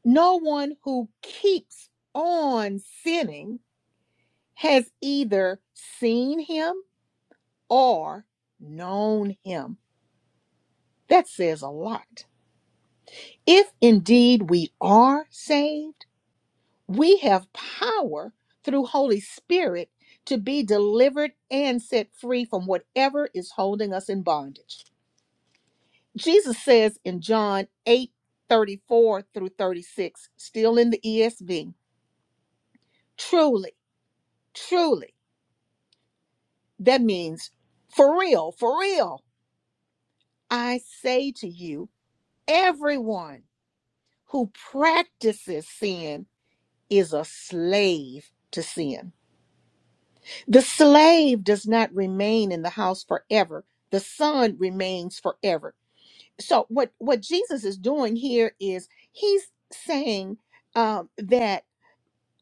A: No one who keeps on sinning has either seen him or known him. That says a lot. If indeed we are saved, we have power through Holy Spirit to be delivered and set free from whatever is holding us in bondage. Jesus says in John 8 34 through 36, still in the ESV, truly, truly, that means for real, for real, I say to you, everyone who practices sin is a slave to sin. The slave does not remain in the house forever, the son remains forever. So, what, what Jesus is doing here is he's saying um, that.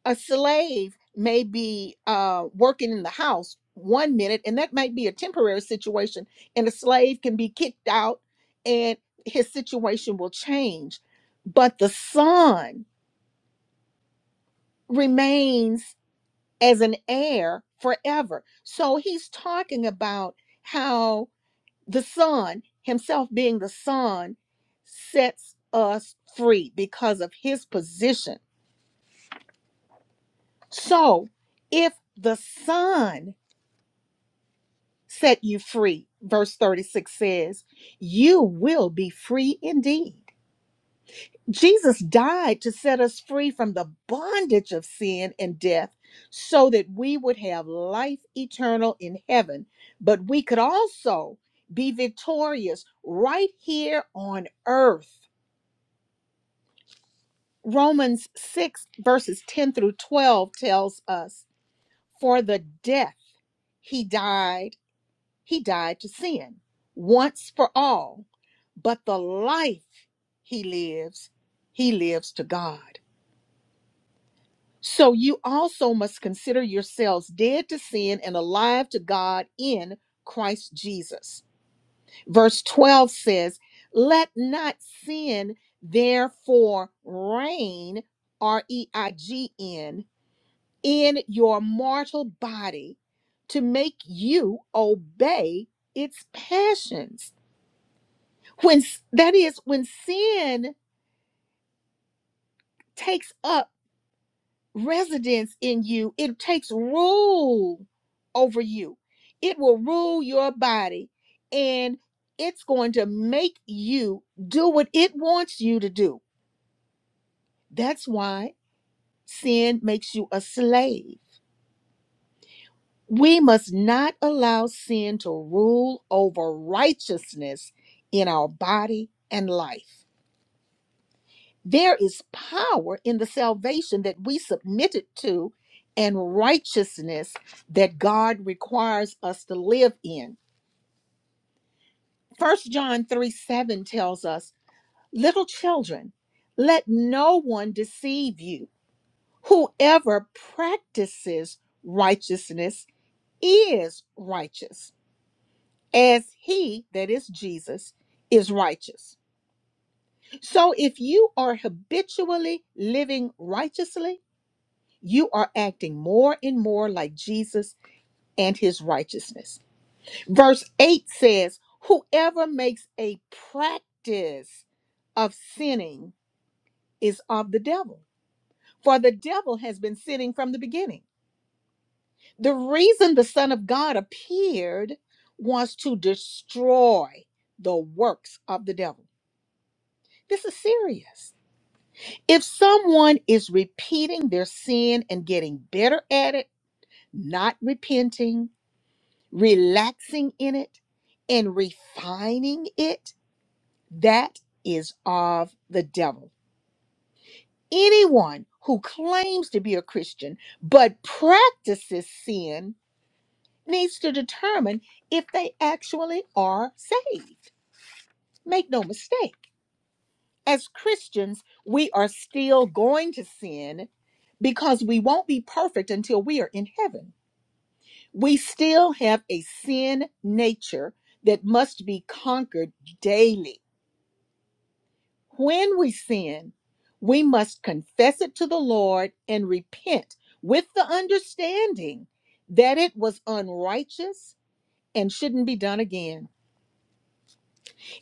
A: a slave may be uh, working in the house one minute, and that might be a temporary situation, and a slave can be kicked out and his situation will change. But the son remains as an heir forever. So he's talking about how the son, himself being the son, sets us free because of his position. So if the son set you free. Verse 36 says, You will be free indeed. Jesus died to set us free from the bondage of sin and death so that we would have life eternal in heaven, but we could also be victorious right here on earth. Romans 6, verses 10 through 12 tells us, For the death he died He died to sin once for all, but the life he lives, he lives to God. So you also must consider yourselves dead to sin and alive to God in Christ Jesus. Verse 12 says, Let not sin therefore reign, R E I G N, in your mortal body to make you obey its passions. when s- that is when sin takes up residence in you it takes rule over you it will rule your body and it's going to make you do what it wants you to do that's why sin makes you a slave we must not allow sin to rule over righteousness in our body and life There is power in the salvation that we submitted to and righteousness that God requires us to live in. First John 3 7 tells us, Little children, let no one deceive you. Whoever practices righteousness is righteous, as he, that is Jesus, is righteous. So if you are habitually living righteously, you are acting more and more like Jesus and his righteousness. Verse 8 says, Whoever makes a practice of sinning is of the devil, for the devil has been sinning from the beginning. The reason the Son of God appeared was to destroy the works of the devil. This is serious. If someone is repeating their sin and getting better at it, not repenting, relaxing in it and refining it, that is of the devil. Anyone who claims to be a Christian but practices sin needs to determine if they actually are saved. Make no mistake, as Christians, we are still going to sin because we won't be perfect until we are in heaven. We still have a sin nature that must be conquered daily When we sin, we must confess it to the Lord and repent with the understanding that it was unrighteous and shouldn't be done again.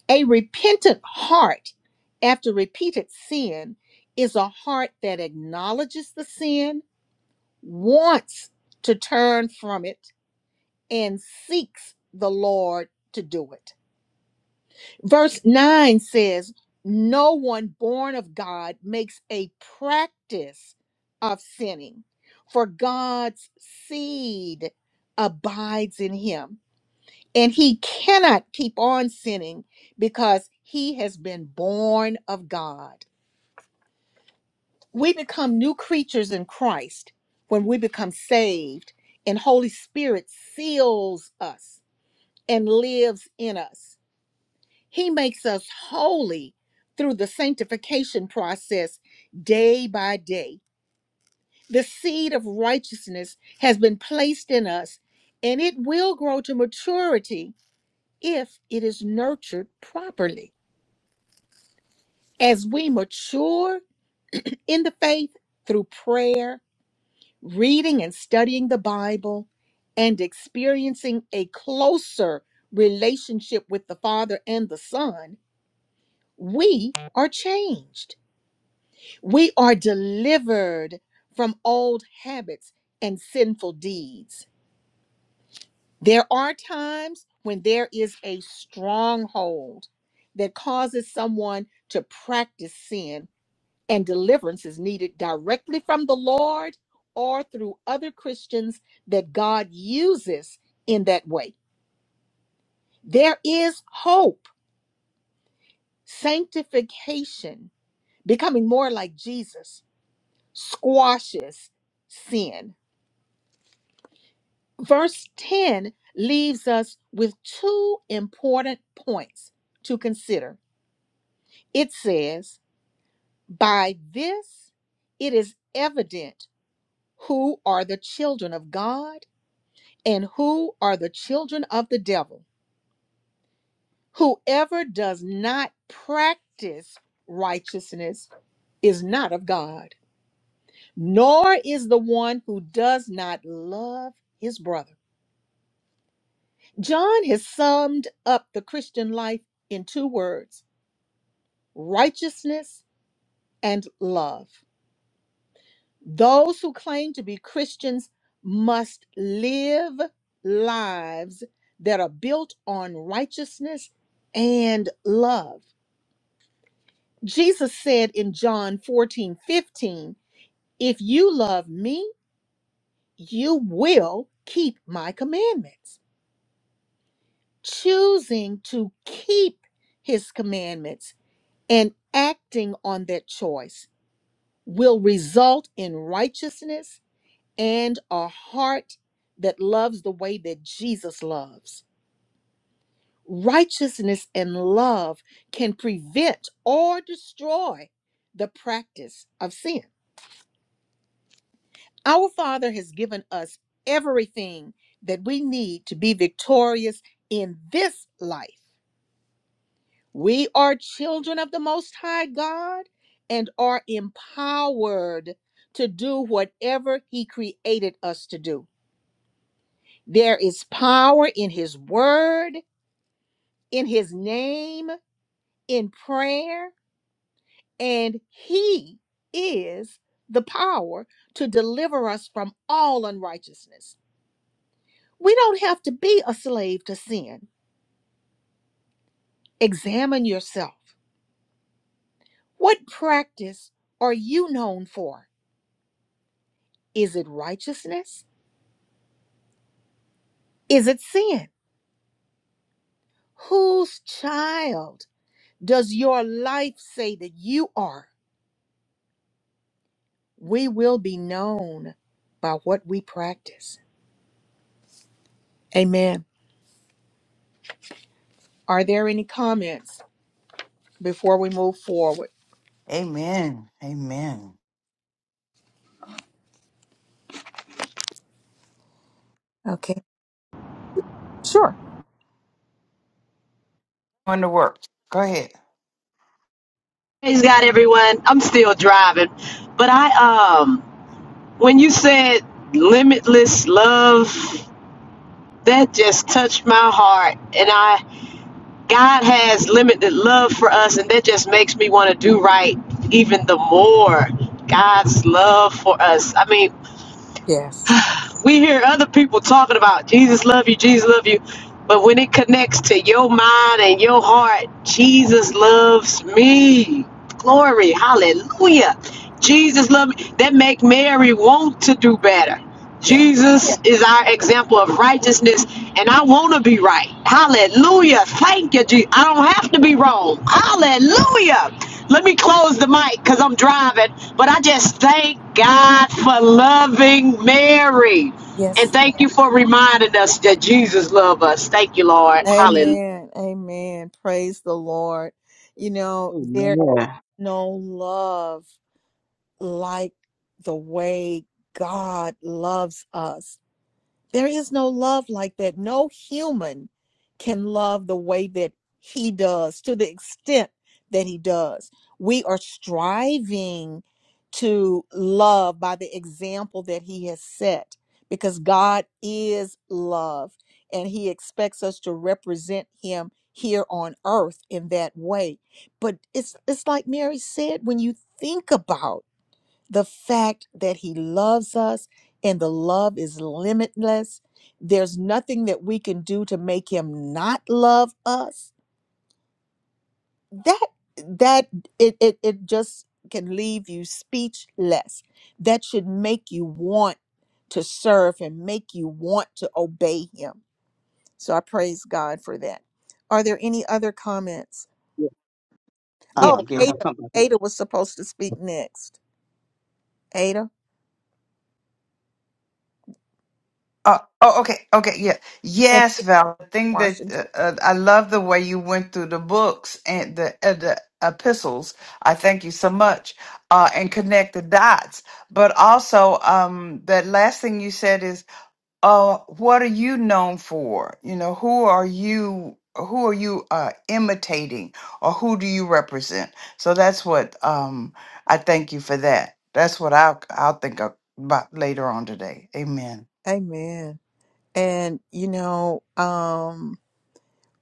A: A repentant heart after repeated sin is a heart that acknowledges the sin, wants to turn from it, and seeks the Lord to do it. Verse 9 says, No one born of God makes a practice of sinning, for God's seed abides in him, and he cannot keep on sinning because he has been born of God. We become new creatures in Christ when we become saved, and Holy Spirit seals us and lives in us. He makes us holy through the sanctification process day by day. The seed of righteousness has been placed in us, and it will grow to maturity if it is nurtured properly. As we mature in the faith through prayer, reading and studying the Bible, and experiencing a closer relationship with the Father and the Son, we are changed. We are delivered from old habits and sinful deeds. There are times when there is a stronghold that causes someone to practice sin, and deliverance is needed directly from the Lord or through other Christians that God uses in that way. There is hope, sanctification, becoming more like Jesus, squashes sin Verse 10 leaves us with two important points to consider. It says, By this it is evident who are the children of God and who are the children of the devil. Whoever does not practice righteousness is not of God, nor is the one who does not love his brother. John has summed up the Christian life in two words righteousness, and love. Those who claim to be Christians must live lives that are built on righteousness and love. Jesus said in John 14 15, If you love me, you will keep my commandments. Choosing to keep his commandments and acting on that choice will result in righteousness and a heart that loves the way that Jesus loves. Righteousness and love can prevent or destroy the practice of sin. Our Father has given us everything that we need to be victorious in this life. We are children of the Most High God and are empowered to do whatever He created us to do. There is power in His Word in his name, in prayer, and he is the power to deliver us from all unrighteousness. We don't have to be a slave to sin. Examine yourself. What practice are you known for? Is it righteousness? Is it sin? Whose child does your life say that you are? We will be known by what we practice. Amen. Are there any comments? before we move forward.
D: Amen. Amen.
A: Okay. Sure.
D: Going to work. Go ahead.
K: Praise God everyone. I'm still driving, but I um when you said limitless love, that just touched my heart and I God has limited love for us, and that just makes me want to do right even the more. God's love for us. I mean,
A: Yes.
K: we hear other people talking about Jesus love you, Jesus love you. But when it connects to your mind and your heart, Jesus loves me. Glory, hallelujah. Jesus love me. That make Mary want to do better.
A: Yeah.
K: Jesus is our example of righteousness, and I want to be right. Hallelujah. Thank you, Jesus. I don't have to be wrong. Hallelujah. Let me close the mic because I'm driving. But I just thank God for loving Mary. And
A: Yes.
K: thank you for reminding us that Jesus loves us. Thank you, Lord. Hallelujah.
A: Amen. Amen. Praise the Lord. You know, there is
H: Amen.
A: no love. like the way God loves us. There is no love like that. No human can love the way that He does to the extent that He does. We are striving to love by the example that He has set because God is love and He expects us to represent Him here on earth in that way. But it's it's like Mary said when you think about the fact that he loves us and the love is limitless. There's nothing that we can do to make him not love us. That that it it, it just can leave you speechless. That should make you want to serve and make you want to obey him. So I praise God for that. Are there any other comments?
I: Yeah.
L: Yeah.
A: Oh,
I: Uh, yes,
L: Um,
I: I'm
A: Ada
I: coming back. In.
A: Ada was supposed to speak next. Ada
D: Oh,
A: Oh,
D: oh, okay, okay, yeah,
A: and
D: yes,
A: then
D: Val. The thing that
A: Washington.
D: uh, uh, I love the way you went through the books and the uh, the epistles. I thank you so much, uh, and connect the dots. But also, um, that last thing you said is uh what are you known for you know who are you who are you uh imitating or who do you represent so that's what um i thank you for that that's what i'll i'll think of about later on today amen
A: Amen. And you know, um,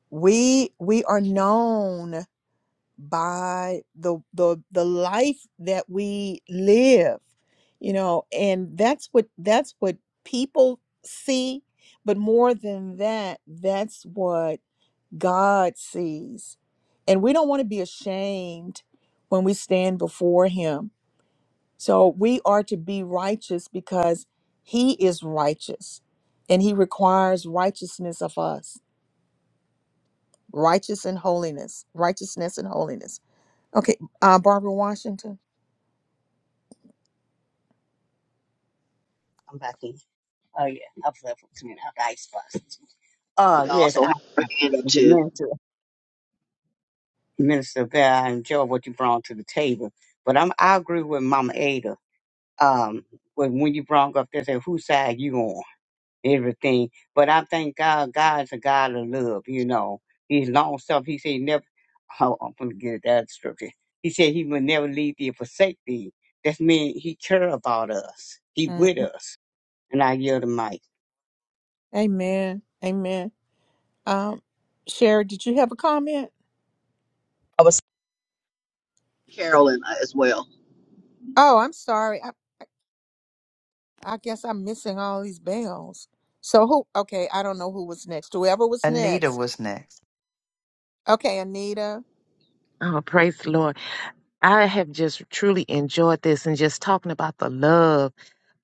A: we we are known by the the the life that we live, you know, and that's what that's what people see, but more than that, that's what God sees. And we don't want to be ashamed when we stand before him So we are to be righteous because he is righteous and he requires righteousness of us, righteous and holiness, righteousness and holiness. Okay, uh, Barbara Washington.
I: I'm back in. Oh yeah, I was left with coming out the ice box. Uh,
F: You
I: yes,
F: also
I: I,
F: have her hand
I: as a
F: up
I: minister, minister Bear, I enjoy what you brought to the table. But I'm I agree with Mama Ada. Um, when when you brought up there, said, whose side you on? everything. But I thank God, God's a God of love, you know. He's long stuff. He said, never, (laughs) oh, I'm going to get that scripture. He said, He will never leave thee or forsake thee. That means He care about us, He with us. And I yield the mic.
A: Amen. Amen. Um, Sherry, did you have a comment?
F: Carolyn uh, as well.
A: Oh, I'm sorry. I, I guess I'm missing all these bells. So who? Okay, I don't know who was next. Whoever was
D: anita
A: next.
D: was next
A: Okay, Anita.
L: oh, praise the Lord. I have just truly enjoyed this and just talking about the love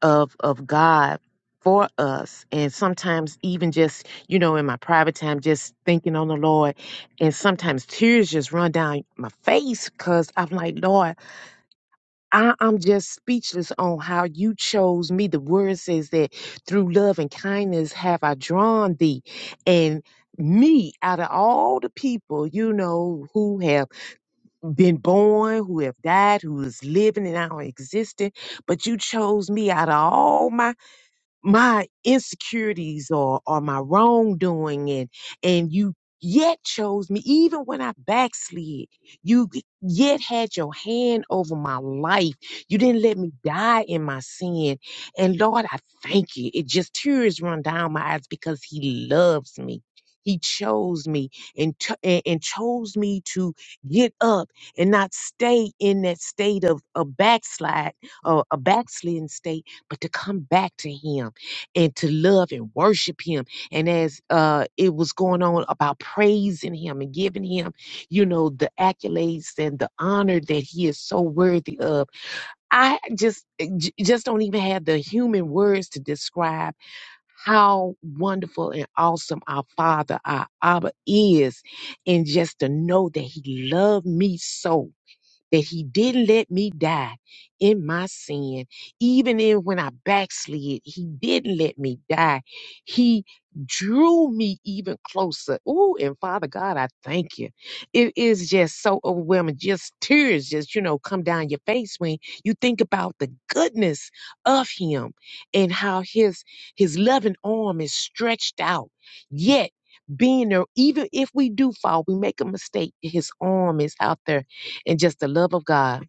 L: of of God for us. And sometimes even just, you know, in my private time, just thinking on the Lord. And sometimes tears just run down my face because I'm like, Lord, I, I'm just speechless on how you chose me. The word says that through love and kindness have I drawn thee. And me out of all the people, you know, who have been born, who have died, who is living and now existing, but you chose me out of all my my insecurities or or my wrongdoing and and you yet chose me even when i backslid you yet had your hand over my life you
A: Mhm.
L: didn't let me die in my sin and lord i thank you it just tears run down my eyes because he loves me he chose me and, cho- and and chose me to get up and not stay in that state of a backslide
A: Mhm.
L: or a backslidden state but to come back to him and to love and worship him. And as uh, it was going on about praising him and giving him, you know, the accolades and the honor that he is so worthy of, I just eh, j- just don't even have the human words to describe how wonderful and awesome our Father, our Abba is, and just to know that He loved me so that he didn't let me die in my sin. Even in when I backslid, he didn't let me die. He drew me even closer. Ooh, and Father God, I thank you. It is just so overwhelming. Just tears just, you know, come down your face when you think about the goodness of him and how his his loving arm is stretched out. Yet being there, even if we do fall, we make a mistake, his arm is out there and just the love of God.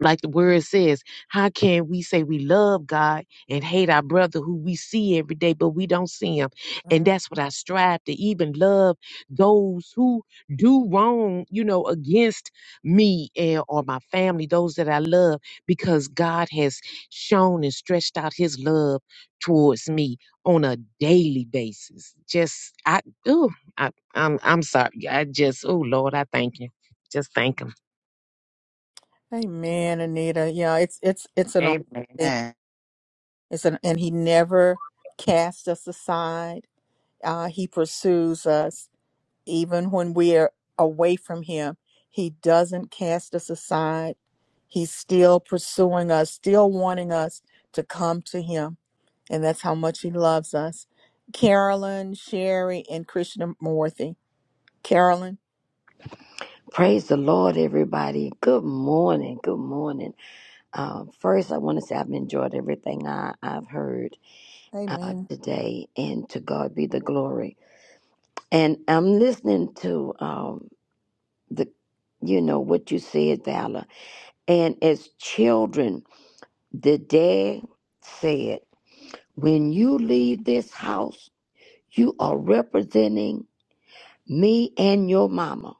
L: Like the word says, how can we say we love God and hate our brother who we see every day, but we don't see him? And
A: Mm.
L: that's what I strive to even love those who do wrong, you know, against me and or my family, those that I love, because God has shown and stretched out his love towards me on a daily basis. Just I oh, I I'm I'm sorry. I just oh Lord, I thank you. Just thank him.
A: Amen, Anita. Yeah, it's it's it's an awesome thing.
D: amen
A: It's an and he never casts us aside. Uh, he pursues us. even when we are away from him, he doesn't cast us aside. He's still pursuing us, still wanting us to come to him. And that's how much he loves us. Carolyn, Sherry, and Krishnamurti. Carolyn.
M: Praise the Lord, everybody. Good morning. Good morning. Um, first, I want to say I've enjoyed everything I, I've heard uh,
A: Amen.
M: today, and to God be the glory. And I'm listening to um, the, you know, what you said, Valor. And as children, the dad said, "When you leave this house, you are representing me and your mama."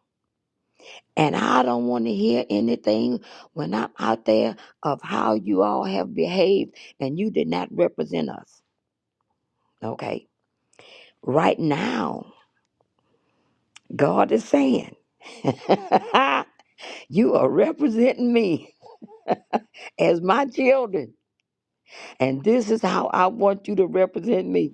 M: And I don't want to hear anything when I'm out there of how you all have behaved and you did not represent us. Okay. Right now, God is saying, (laughs) You are representing me as my children. And this is how I want you to represent me.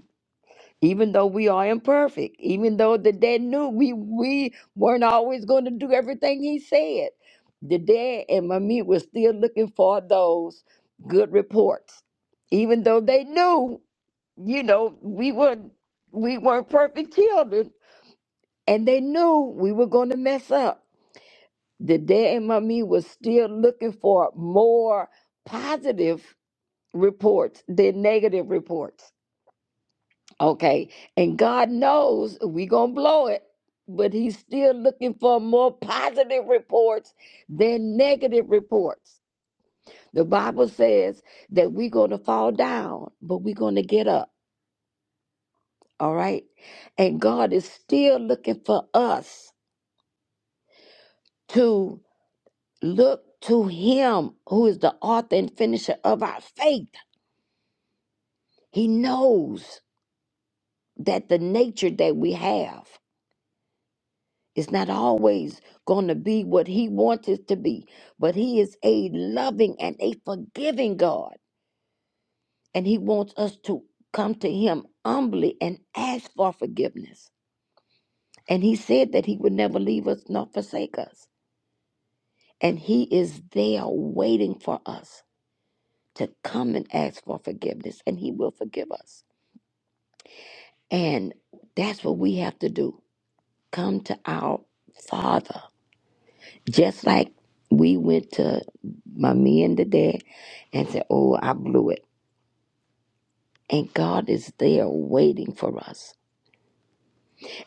M: even though we are imperfect, even though the dad knew we we weren't always going to do everything he said, the dad and mommy were still looking for those good reports, even though they knew, you know, we weren't we weren't perfect children, and they knew we were going to mess up. The dad and mommy was still looking for more positive reports than negative reports Okay. And God knows we going to blow it, but He's still looking for more positive reports than negative reports. The Bible says that we're going to fall down, but we're going to get up. All right. And God is still looking for us to look to Him who is the author and finisher of our faith. He knows that the nature that we have. It's not always going to be what He wants it to be, but He is a loving and a forgiving God. And He wants us to come to Him humbly and ask for forgiveness. And He said that He would never leave us nor forsake us. And He is there waiting for us to come and ask for forgiveness, and He will forgive us. And that's what we have to do come to our Father Just like we went to my men today and said, Oh, I blew it. And God is there waiting for us.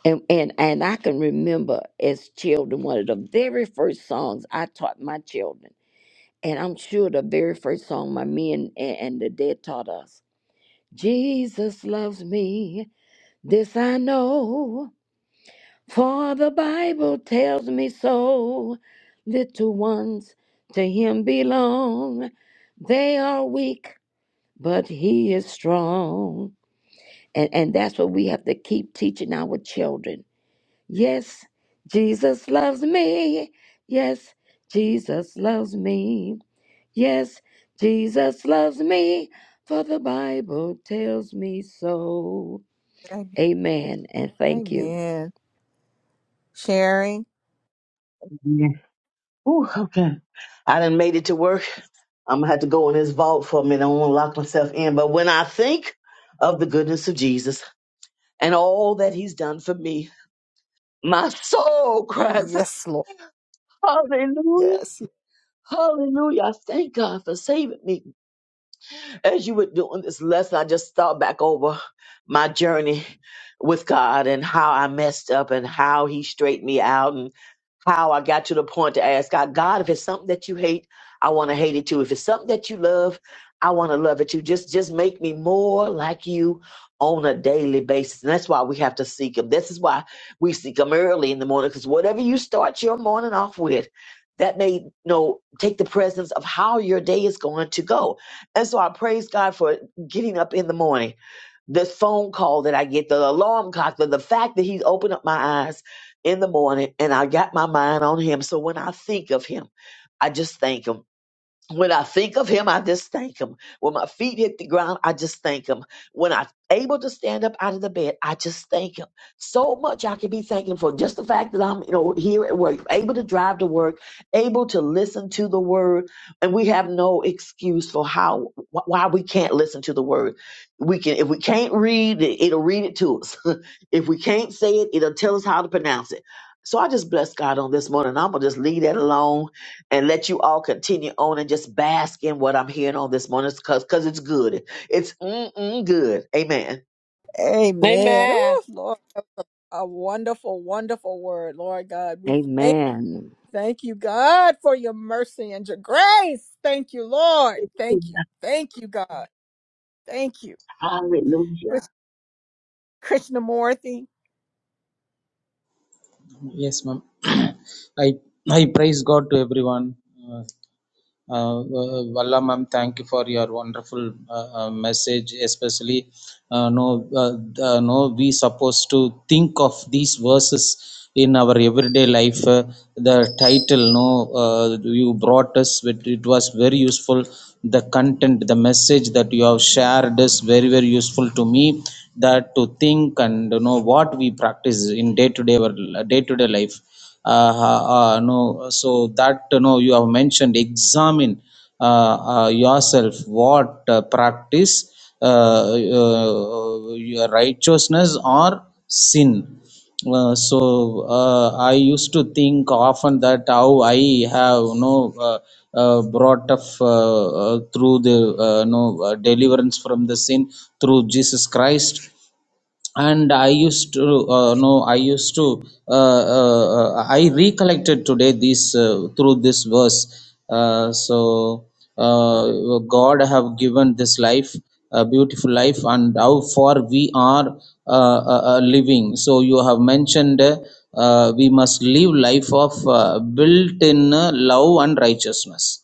M: And and and I can remember as children, one of the very first songs I taught my children. And I'm sure the very first song my men and, and the dead taught us. Jesus loves me, this I know. For the Bible tells me so. Little ones to him belong. They are weak, but he is strong. And, and that's what we have to keep teaching our children. Yes, Jesus loves me. Yes, Jesus loves me. Yes, Jesus loves me. For the Bible tells me so. Amen. And thank you.
A: Amen. Sherry.
F: Yeah. Ooh, okay. I done made it to work. I'm gonna have to go in this vault for a minute. I don't want to lock myself in. But when I think of the goodness of Jesus and all that He's done for me, my soul (laughs) cries,
A: Yes, Lord.
F: Hallelujah.
A: Yes.
F: Hallelujah. I thank God for saving me. As you were doing this lesson, I just thought back over my journey with God and how I messed up and how He straightened me out. how I got to the point to ask God, God, if it's something that you hate, I want to hate it too. If it's something that you love, I want to love it too. Just just make me more like you on a daily basis. And that's why we have to seek him. This is why we seek him early in the morning, because whatever you start your morning off with, that may you know take the presence of how your day is going to go. And so I praise God for getting up in the morning this phone call that I get, the alarm clock, the, the fact that he's opened up my eyes in the morning and I got my mind on him. So when I think of him, I just thank him when I think of him, I just thank him. When my feet hit the ground, I just thank him. When I'm able to stand up out of the bed, I just thank him. So much I can be thanking for just the fact that I'm, you know, here at work, able to drive to work, able to listen to the word, and we have no excuse for how wh- why we can't listen to the word. We can if we can't read it, it'll read it to us. (laughs) if we can't say it, it'll tell us how to pronounce it. So I just bless God on this morning. I'm gonna just leave that alone and let you all continue on and just bask in what I'm hearing on this morning because it's good. It's mm-mm good. Amen.
A: Amen. Oh, Lord. that was A a wonderful, wonderful word, Lord God. We thank
M: Amen.
A: Thank you, God, for your mercy and your grace. Thank you, Lord. Thank you. Thank you, God. Thank you.
F: Hallelujah.
A: Krish- Krishnamurti,
N: Yes, ma'am. (clears throat) I I praise God to everyone. Uh, uh, uh, Valla ma'am, thank you for your wonderful uh, uh, message. Especially, uh, no, uh, uh, no, we supposed to think of these verses in our everyday life. Uh, the title, no, uh, you brought us with. It was very useful. The content, the message that you have shared is very very useful to me. That to think and you know what we practice in day to day our day to day life uh, uh, no so that you know you have mentioned examine uh, uh, yourself what uh, practice uh, uh, your righteousness or sin uh, so uh, I used to think often that how I have you know uh, uh, brought up uh, uh, through the uh, you know uh, deliverance from the sin through Jesus Christ and i used to uh, no i used to uh, uh, uh, i recollected today this uh, through this verse uh, so uh, god have given this life a beautiful life and how far we are uh, uh, uh, living so you have mentioned uh, uh, we must live life of uh, built in uh, love and righteousness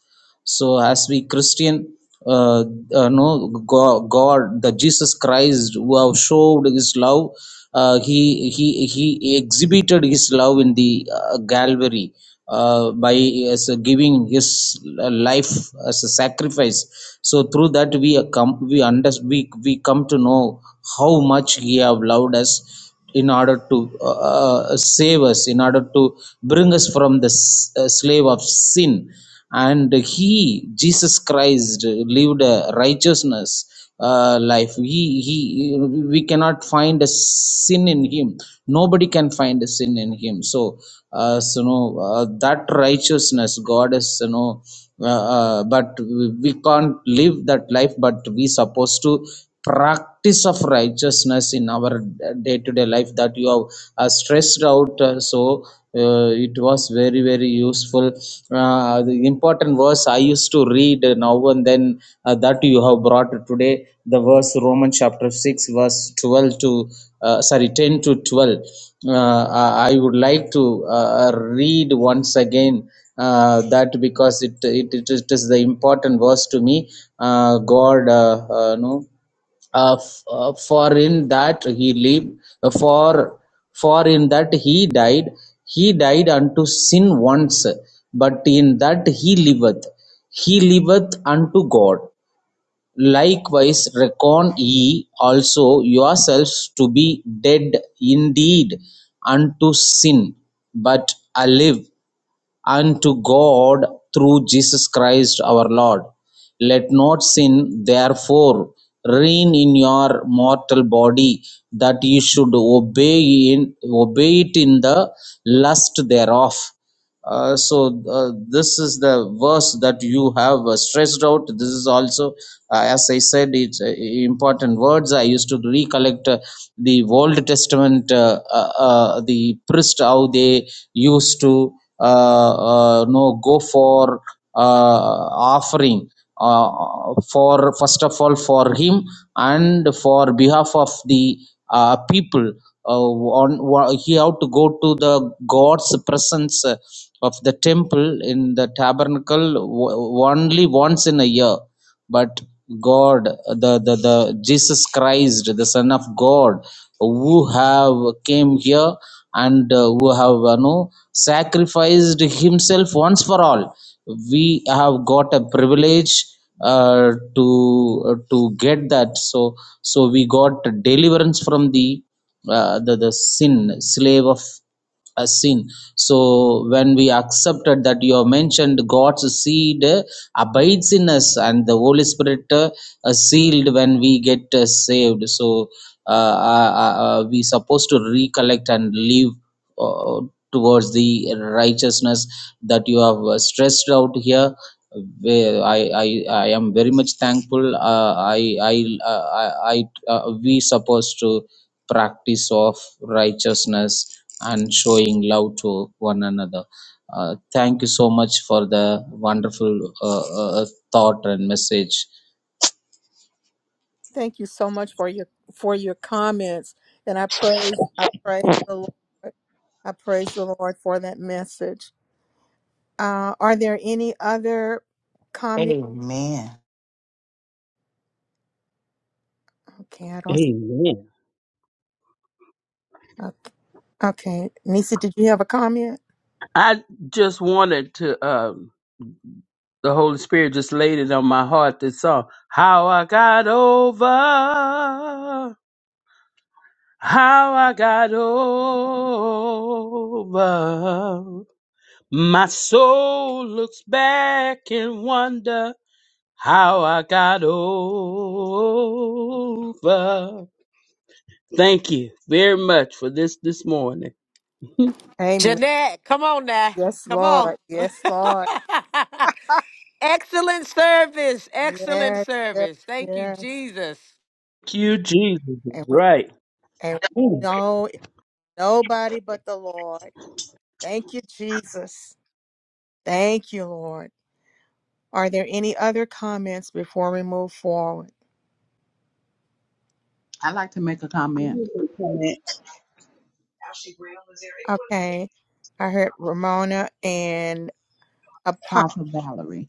N: so as we christian uh, uh, no god, god the jesus christ who have showed his love uh, he he he exhibited his love in the uh, gallery uh, by as a giving his life as a sacrifice so through that we come we under we, we come to know how much he have loved us in order to uh, uh, save us, in order to bring us from the s- uh, slave of sin. And He, Jesus Christ, lived a righteousness uh, life. He, he, we cannot find a sin in Him. Nobody can find a sin in Him. So, uh, so no, uh, that righteousness, God is, you know. Uh, uh, but we we can't live that life but we supposed to practice of righteousness in our day to day life that you have uh, stressed out. uh, so uh, it was very, very useful. Uh, the important verse I used to read now and then uh, that you have brought today the verse Romans chapter 6, verse 12 to uh, sorry, 10 to 12. Uh, I I would like to uh, read once again uh, that because it, it, it is it is the important verse to me. Uh, God, uh, uh, no uh, f- uh, for in that he lived uh, for for in that he died he died unto sin once but in that he liveth he liveth unto god likewise reckon ye also yourselves to be dead indeed unto sin but alive unto God through Jesus Christ our Lord. Let not sin, therefore, reign in your mortal body, that you should obey, in, obey it in the lust thereof. Uh, so, uh, this is the verse that you have uh, stressed out. This is also uh, as I said, it's uh, important words. I used to recollect uh, the Old Testament, uh, uh, uh, the priest, how they used to uh, uh, no go for uh, offering. Uh, for first of all for him and for behalf of the uh, people uh, on, wa- he had to go to the god's presence uh, of the temple in the tabernacle w- only once in a year but God, the, the, the Jesus Christ, the Son of God, who have came here and uh, who have you know, sacrificed himself once for all. We have got a privilege uh, to uh, to get that. So so we got deliverance from the uh, the, the sin, slave of a sin. So when we accepted that you have mentioned God's seed abides in us and the holy spirit uh, uh, sealed when we get uh, saved so uh, uh, uh, uh, we supposed to recollect and live uh, towards the righteousness that you have uh, stressed out here where I, I I am very much thankful. Uh, I I uh, I, I uh, we supposed to practice of righteousness and showing love to one another. Uh, thank you so much for the wonderful uh, uh, thought and message
A: thank you so much for your for your comments. And I praise I praise the Lord. I praise the Lord for that message. Uh, are there any other comments?
D: amen
A: Okay, I don't.
H: Amen.
A: Okay. Nisa, did you have a comment?
H: I just wanted to, um, the Holy Spirit just laid it on my heart this song, How I Got Over. how I got over. My soul looks back and wonder how I got over. Thank you very much for this this morning. (laughs) Thank
A: Amen. Yes, Lord. Yes, Lord. Yes, yes, yes.
H: you, Jesus. is
A: And we
H: Right.
A: and
H: Ooh,
A: we know it's nobody but the Lord. Thank you, Jesus. Thank you, Lord. Are there any other comments before we move forward?
O: I'd like to make a
P: I
O: comment.
P: will become it.
A: Okay, I heard Ramona and Apostle.
O: Apostle Valerie.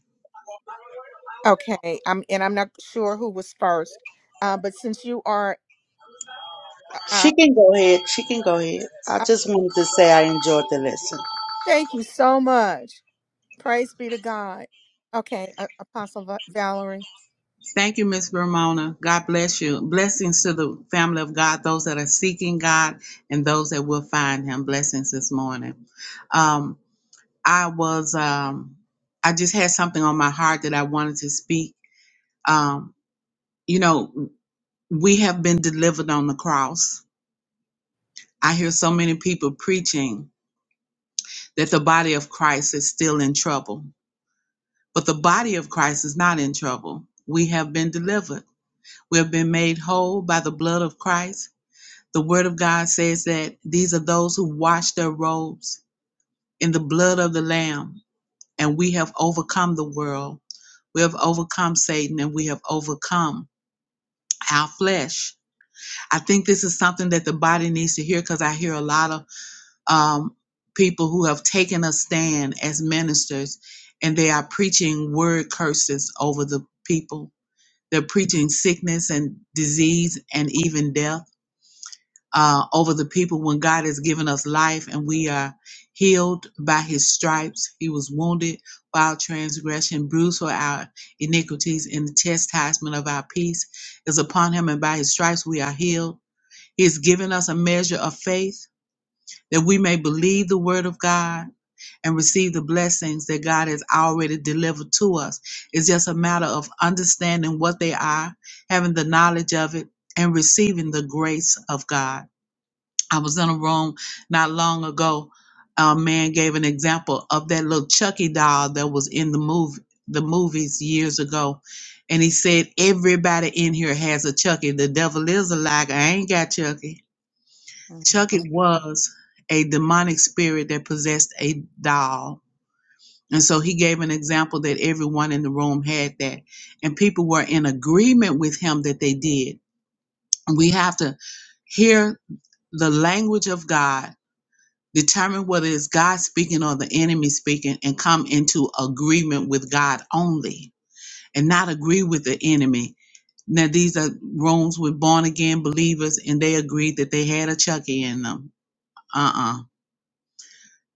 A: Okay, I'm and I'm not sure who was first, uh, but since you are, uh,
P: She can go ahead. She can go ahead. I
A: uh,
P: just wanted to say I enjoyed the lesson.
A: thank you so much. Praise be to God. Okay, uh, Apostle Va- Valerie.
O: Thank you, Miss Ramona. God bless you. Blessings to the family of God, those that are seeking God and those that will find him. Blessings this morning. Um, I was um I just had something on my heart that I wanted to speak. Um, you know, we have been delivered on the cross. I hear so many people preaching that the body of Christ is still in trouble. But the body of Christ is not in trouble. We have been delivered. We have been made whole by the blood of Christ. The Word of God says that these are those who wash their robes in the blood of the Lamb, and we have overcome the world. We have overcome Satan and we have overcome our flesh. I think this is something that the body needs to hear because I hear a lot of um, people who have taken a stand as ministers and they are preaching word curses over the people. They're preaching sickness and disease and even death uh, over the people when God has given us life and we are healed by his stripes. He was wounded for our transgression, bruised for our iniquities, and the chastisement of our peace is upon him, and by his stripes we are healed. He has given us a measure of faith that we may believe the word of God and receive the blessings that God has already delivered to us. It's just a matter of understanding what they are, having the knowledge of it, and receiving the grace of God. I was in a room not long ago. A man gave an example of that little Chucky doll that was in the movie, the movies years ago, and he said everybody in here has a Chucky. The devil is a liar. I ain't got Chucky. Chucky was a demonic spirit that possessed a doll, and so he gave an example that everyone in the room had that, and people were in agreement with him that they did. We have to hear the language of God Determine whether it's God speaking or the enemy speaking and come into agreement with God only and not agree with the enemy. Now, these are rooms with born again believers and they agreed that they had a Chucky in them. Uh uh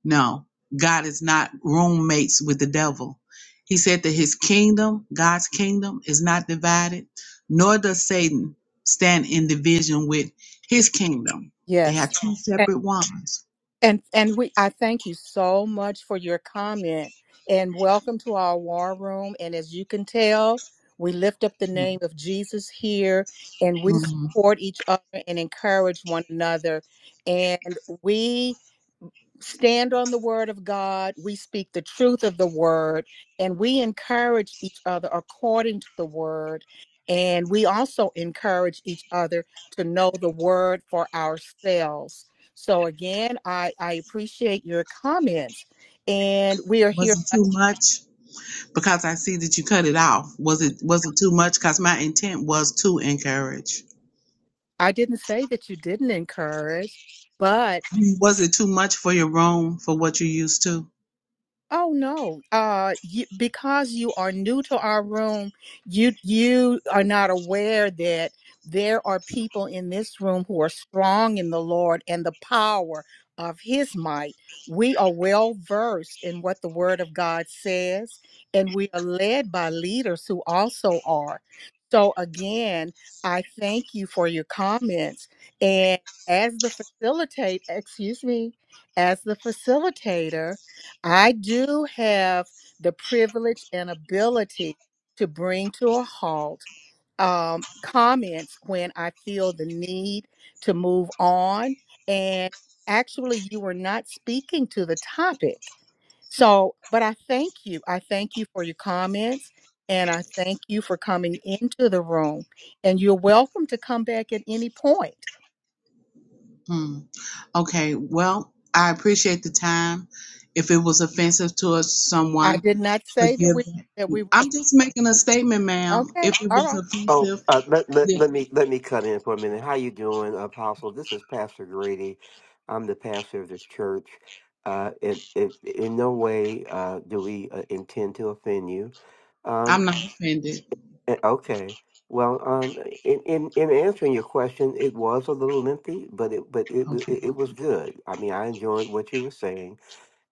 O: No, God is not roommates with the devil. He said that his kingdom, God's kingdom, is not divided, nor does Satan stand in division with his kingdom. They are
A: Yes.
O: two
A: And
O: separate ones.
A: and and we I thank you so much for your comment and welcome to our war room and as you can tell, we lift up the name of Jesus here and we
O: Mhm.
A: support each other and encourage one another and we stand on the word of God. We speak the truth of the word and we encourage each other according to the word. And we also encourage each other to know the word for ourselves. So again, I, I appreciate your comments. And we are
O: Was
A: here.
O: not too much? because I see that you cut it off. Was it was it too much? Because my intent was to encourage.
A: I didn't say that you didn't encourage, but.
O: Was it too much for your room for what you used to?
A: Oh no. Uh you, because you are new to our room, you you are not aware that there are people in this room who are strong in the Lord and the power of his might. We are well versed in what the word of God says and we are led by leaders who also are. So again, I thank you for your comments and as the facilitate, excuse me, as the facilitator I do have the privilege and ability to bring to a halt um, comments when I feel the need to move on. And actually, you were not speaking to the topic. So, but I thank you. I thank you for your comments and I thank you for coming into the room. And you're welcome to come back at any point.
O: Hmm. Okay. Well, I appreciate the time. If it was offensive to us,
A: I
O: someone,
A: did not say that
O: forgive.
A: we
O: them.
A: that we were
O: I'm just making a statement, ma'am.
A: okay.
O: If it was
A: All
Q: Oh,
O: offensive,
Q: uh, let, let
O: then
Q: let me let me cut in for a minute. How you doing, Apostle? This is Pastor Grady. I'm the pastor of this church. Uh, in, in, in no way uh, do we uh, intend to offend you. Um,
O: I'm not offended.
Q: eh, okay. Well, um, in, in in answering your question, it was a little lengthy, but it but it wa- it,
O: Okay.
Q: it was good. I mean, I enjoyed what you were saying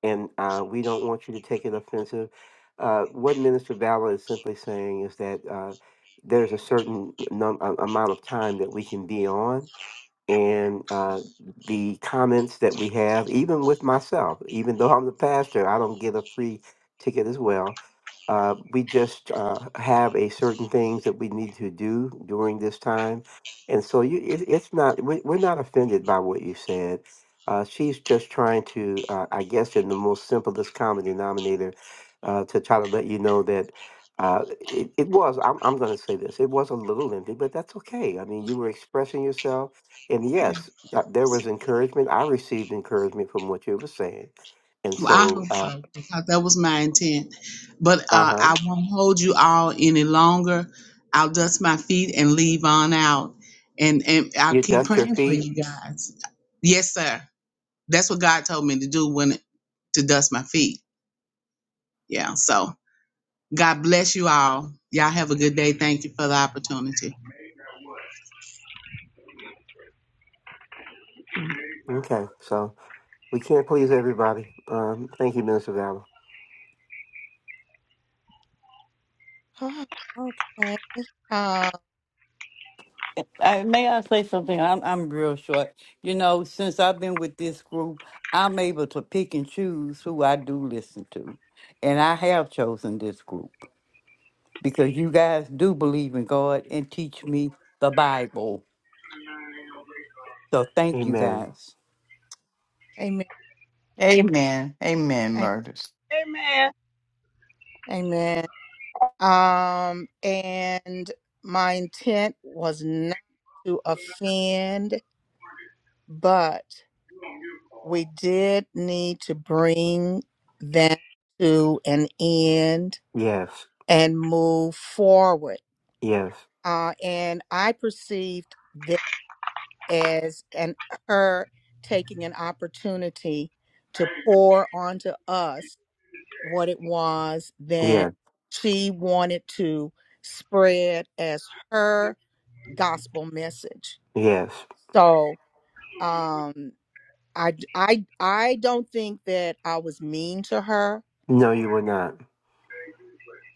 Q: and uh, we don't want you to take it offensive. Uh, what Minister Ballard is simply saying is that uh, there's a certain num- a- amount of time that we can be on, and uh, the comments that we have, even with myself, even though I'm the pastor, I don't get a free ticket as well. Uh, we just uh, have a certain things that we need to do during this time, and so you, it, it's not we, we're not offended by what you said. Uh, she's just trying to, uh, I guess, in the most simplest common denominator, uh, to try to let you know that uh, it, it was. I'm, I'm going to say this. It was a little lengthy, but that's okay. I mean, you were expressing yourself and yes, uh, there was encouragement. I received encouragement from what you were saying. And
O: Well, I
Q: so,
O: hope
Q: uh
O: so because that was my intent. But uh,
Q: huh,
O: I won't hold you all any longer. I'll dust my feet and leave on out, and and I'll
Q: you
O: keep
Q: dust your
O: praying for
Q: feet.
O: you guys. Yes, sir. That's what God told me to do when to dust my feet. Yeah. So God bless you all. Y'all have a good day. Thank you for the opportunity.
Q: Okay, so we can't please everybody. Um, thank you, Minister Valor.
A: right. (sighs) Okay. um,
E: Uh, may I say something? I'm I'm real short. You know, since I've been with this group, I'm able to pick and choose who I do listen to, and I have chosen this group because you guys do believe in God and teach me the Bible. So thank you
Q: Amen.
E: guys.
A: Amen.
D: amen amen
A: Am-
D: murders
H: Amen.
A: Amen. Um, and my intent was not to offend, but we did need to bring that to an end
Q: Yes,
A: and move forward.
Q: yes,
A: Uh, and I perceived that as an her taking an opportunity to pour onto us what it was that
Q: yes,
A: she wanted to spread as her gospel message.
Q: yes.
A: So um, I I I don't think that I was mean to her.
Q: No, you were not.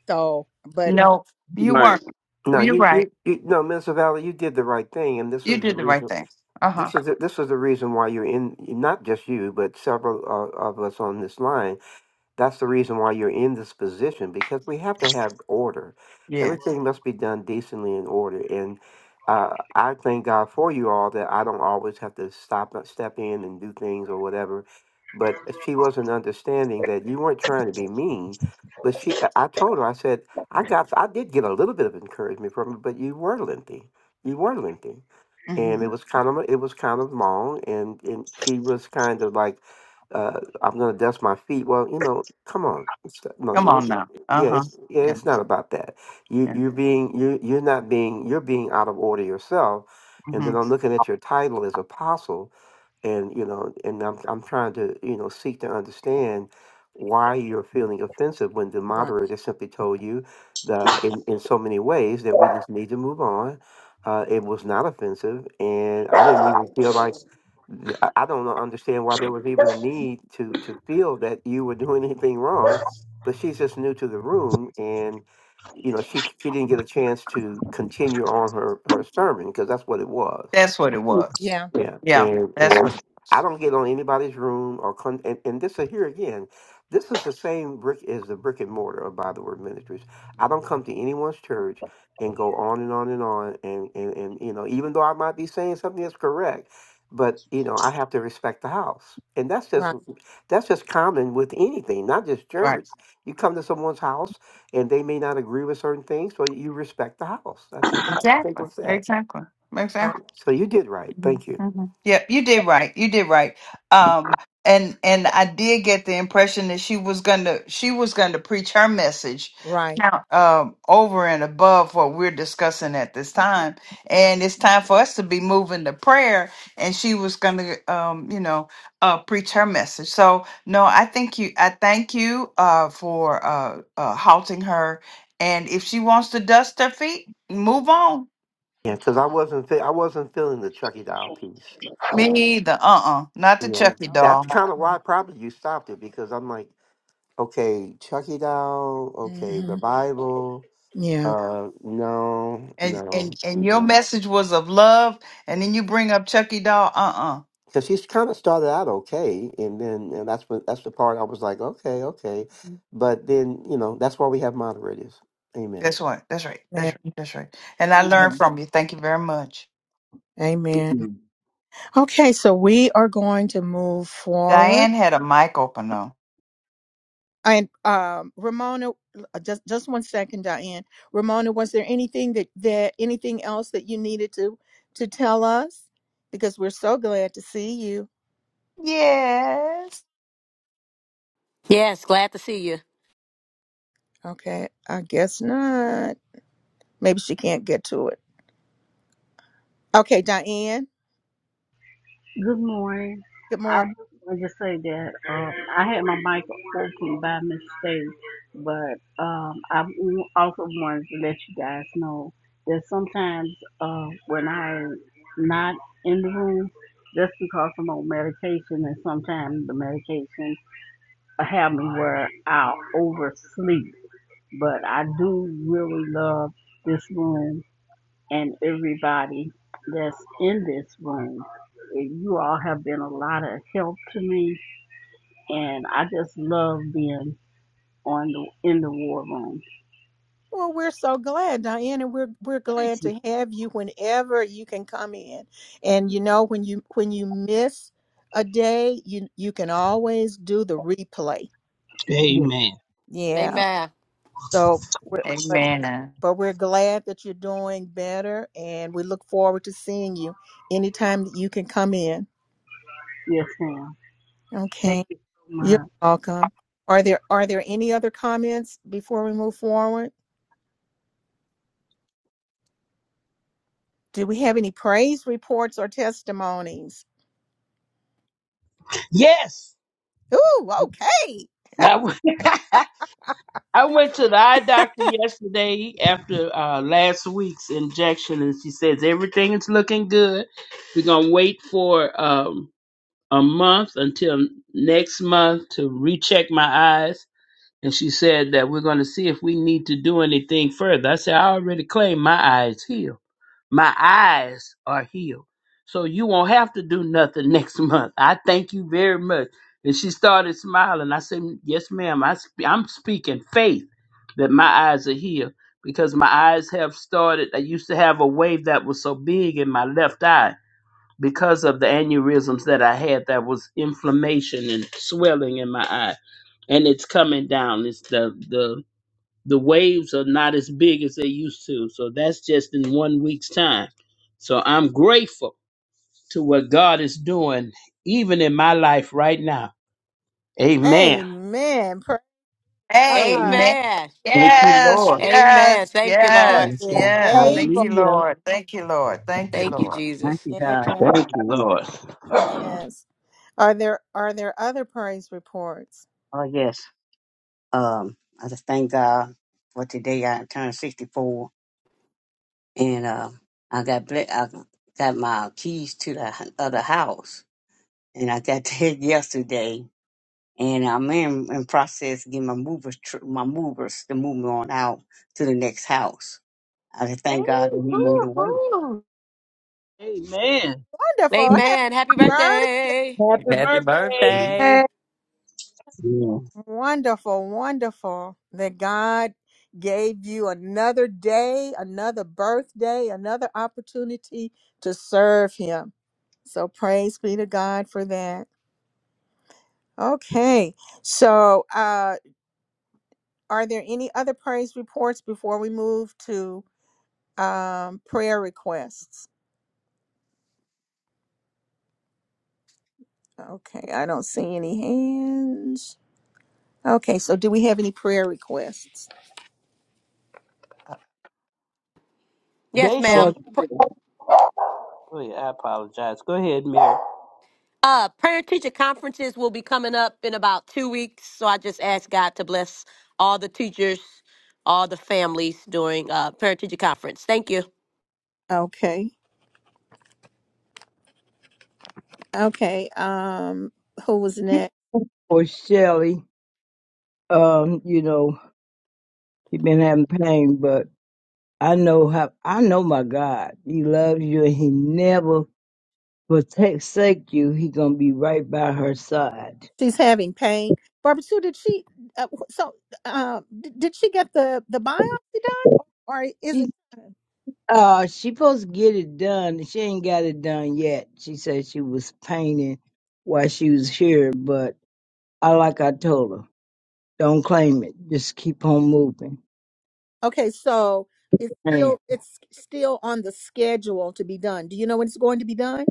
A: So, but
D: No, you
H: Right.
D: weren't.
Q: No,
D: You're
Q: you,
D: right.
Q: you, you no, Minister Valley, you did the right thing, and this
D: You
Q: was the
D: did the right
Q: reason.
D: thing. Uh huh.
Q: This is the, this was the reason why you're in. Not just you, but several uh, of us on this line That's the reason why you're in this position because we have to have order.
D: Yeah.
Q: Everything must be done decently in order. And uh, I thank God for you all that I don't always have to stop and step in and do things or whatever. But she wasn't understanding that you weren't trying to be mean. But she, I I told her, I said, I got, I did get a little bit of encouragement from her, but you were lengthy. You were lengthy and it
D: hmm
Q: was kind of it was kind of long and and she was kind of like uh i'm gonna dust my feet well you know come on it's not- no,
D: Come
Q: no,
D: on now. Uh
Q: yeah
D: huh.
Q: it's, yeah
D: Yeah.
Q: it's not about that you
D: yeah.
Q: you're being you you're not being you're being out of order yourself and
D: hmm
Q: then i'm looking at your title as apostle and you know and i'm i'm trying to you know seek to understand why you're feeling offensive when the
A: right,
Q: moderator just simply told you that in, in so many ways that we just need to move on uh, it was not offensive and i didn't even feel like th- i I don't know- understand why there was even a need to to feel that you were doing (laughs) anything wrong but she's just new to the room and you know she she didn't get a chance to continue on her her sermon because that's what it was
A: eh,
D: That's what it was.
A: yeah,
Q: yeah,
D: Yeah.
Q: and
A: yeah,
D: That's
Q: and
D: what it
Q: I
D: was.
Q: don't get on anybody's room or con- and and this uh, here again, this is the same brick as the brick and mortar of By the Word Ministries. I don't come to anyone's church and go on and on and on and and and you know even though I might be saying something that's correct, but you know I have to respect the house, and that's just
A: right,
Q: that's just common with anything, not just
D: Right.
Q: church. You come to someone's house and they may not agree with certain things, so you respect the house. That's as
D: Exactly.
Q: simple as that.
D: Exactly. Exactly.
A: right,
Q: So you did right.
D: Mhm.
Q: Thank you.
D: Mhm. Yep, you did right. You did right. Um, and and I did get the impression that she was gonna she was gonna preach her message
A: right.
D: now um, over and above what we're discussing at this time. And it's time for us to be moving to prayer. And she was gonna um, you know uh, preach her message. So no, I think you I thank you uh, for uh, uh, halting her. And if she wants to dust her feet, move on.
Q: Yeah, because I wasn't fe- I wasn't feeling the Chucky Doll piece.
D: Me either. Uh uh Not the
Q: Yeah,
D: Chucky
Q: that's
D: doll.
Q: kind of why probably you stopped it because I'm like, okay, Chucky Doll, okay, the
A: Mhm.
Q: Bible.
A: Yeah,
Q: Uh, no,
D: and
Q: no,
D: and and your
Q: no.
D: message was of love, and then you bring up Chucky doll. Uh uh
Q: Because she's kind of started out okay, and then and that's what that's the part I was like, okay, okay, but then you know that's why we have moderators. Amen.
D: That's what. That's right.
A: yeah.
D: That's right. That's right. And I learned
H: Amen.
D: from you. Thank you very much.
H: Thank
A: Amen. Okay, so we are going to move forward.
D: Diane had a mic open though.
A: And um, Ramona, uh, just just one second, Diane. Ramona, was there anything that that anything else that you needed to to tell us? Because we're so glad to see you.
D: Yes.
A: Okay, I guess not. Maybe she can't get to it. Okay, Diane.
R: Good morning.
A: Good
R: I
A: morning.
R: just want to say that um, I had my mic open by mistake, but um, I w- also wanted to let you guys know that sometimes uh, when I'm not in the room, that's because I'm on medication, and sometimes the medication have me where I'll oversleep. But I do really love this room and everybody that's in this room. You all have been a lot of help to me, and I just love being on the in the war room.
A: Well, we're so glad, Diane, and we're we're glad
H: you.
A: to have you whenever you can come in. And you know, when you when you miss a day, you you can always do the replay.
R: Yes.
H: Amen.
A: Yeah. So we're, but
D: Amen.
A: but we're glad that you're doing better and we look forward to seeing you anytime that you can come in.
R: Yes, ma'am. Thank
A: Okay.
R: you so much.
A: You're welcome. Are there are there any other comments before we move forward? Do we have any praise reports or testimonies?
H: Yes.
A: Ooh, okay.
H: I will. (laughs) I went to the eye doctor yesterday after uh, last week's injection, and she says everything is looking good. We're gonna wait for um, a month until next month to recheck my eyes, and she said that we're gonna see if we need to do anything further. I said I already claimed my eyes healed. My eyes are healed. So you won't have to do nothing (laughs) next month. I thank you very much. And she started smiling. I said, Yes, ma'am. I sp- I'm speaking faith that my eyes are healed because my eyes have started. I used to have a wave that was so big in my left eye because of the aneurysms that I had that was inflammation and swelling in my eye. And it's coming down. It's the, the waves are not as big as they used to. So that's just in one week's time. So I'm grateful to what God is doing, even in my life right now. Amen.
A: Amen. Praise God.
D: Amen.
H: Thank you,
D: Yes.
H: Lord.
I: Mm.
D: Yes.
A: He
I: Yes,
D: Yes.
A: is
I: God.
D: Yes. Thank
A: able.
D: you,
I: Hallelujah.
D: Lord. Thank you, Lord. Thank you, Lord.
I: Thank you,
A: Yeah,
I: God. Thank
H: Thank
I: you,
H: you, Lord.
I: Jesus.
A: yes. Are there are there other praise reports?
I: Oh, yes. Um, I just thank God for today. I turned 64 and, um, I got, ble- I got my keys to the other house and I got there (laughs) yesterday, and I'm in, in process getting my movers, tr- my movers to move me on out to the next house. I just
D: Hey,
I: thank God that He made a way.
D: woo-hoo.
H: Amen.
A: Wonderful. Happy
H: Happy
E: Happy
H: birthday,
I: Mhm.
E: birthday!
C: And,
I: Yeah.
A: Wonderful, wonderful that God gave you another day, another birthday, another opportunity to serve Him. So praise be to God for that. Okay, so uh, are there any other praise reports before we move to um, prayer requests? Okay, I don't see any hands. Okay, so do we have any prayer requests?
D: Uh,
H: Daisha.
C: uh,
H: Oh, yeah, I apologize. Go ahead, Mary.
A: Okay, okay. Um, who was next?
C: For Shelly. Um, you know, she been having pain, but I know how I know my God. He loves you and he never will forsake you. He gonna be right by her side.
A: she's having pain. Barbara Sue, did she? Uh, wh- so, uh, d- did she get the the biopsy done, or, or is it?
C: Uh, she supposed to get it done. She ain't got it done yet. She said she was painting while she was here, but I like I told her, don't claim it. Just keep on moving.
A: Okay, so it's
C: And,
A: still it's still on the schedule to be done. Do you know when it's going to be done?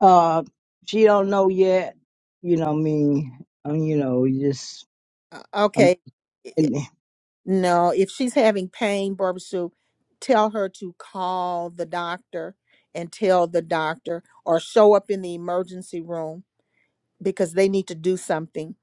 C: uh, she don't know yet. You know what I mean? Um, you know, you just
A: Uh,
C: um,
A: okay,
C: and,
A: No, if she's having pain, Barbara Sue, tell her to call the doctor and tell the doctor or show up in the emergency room because they need to do something.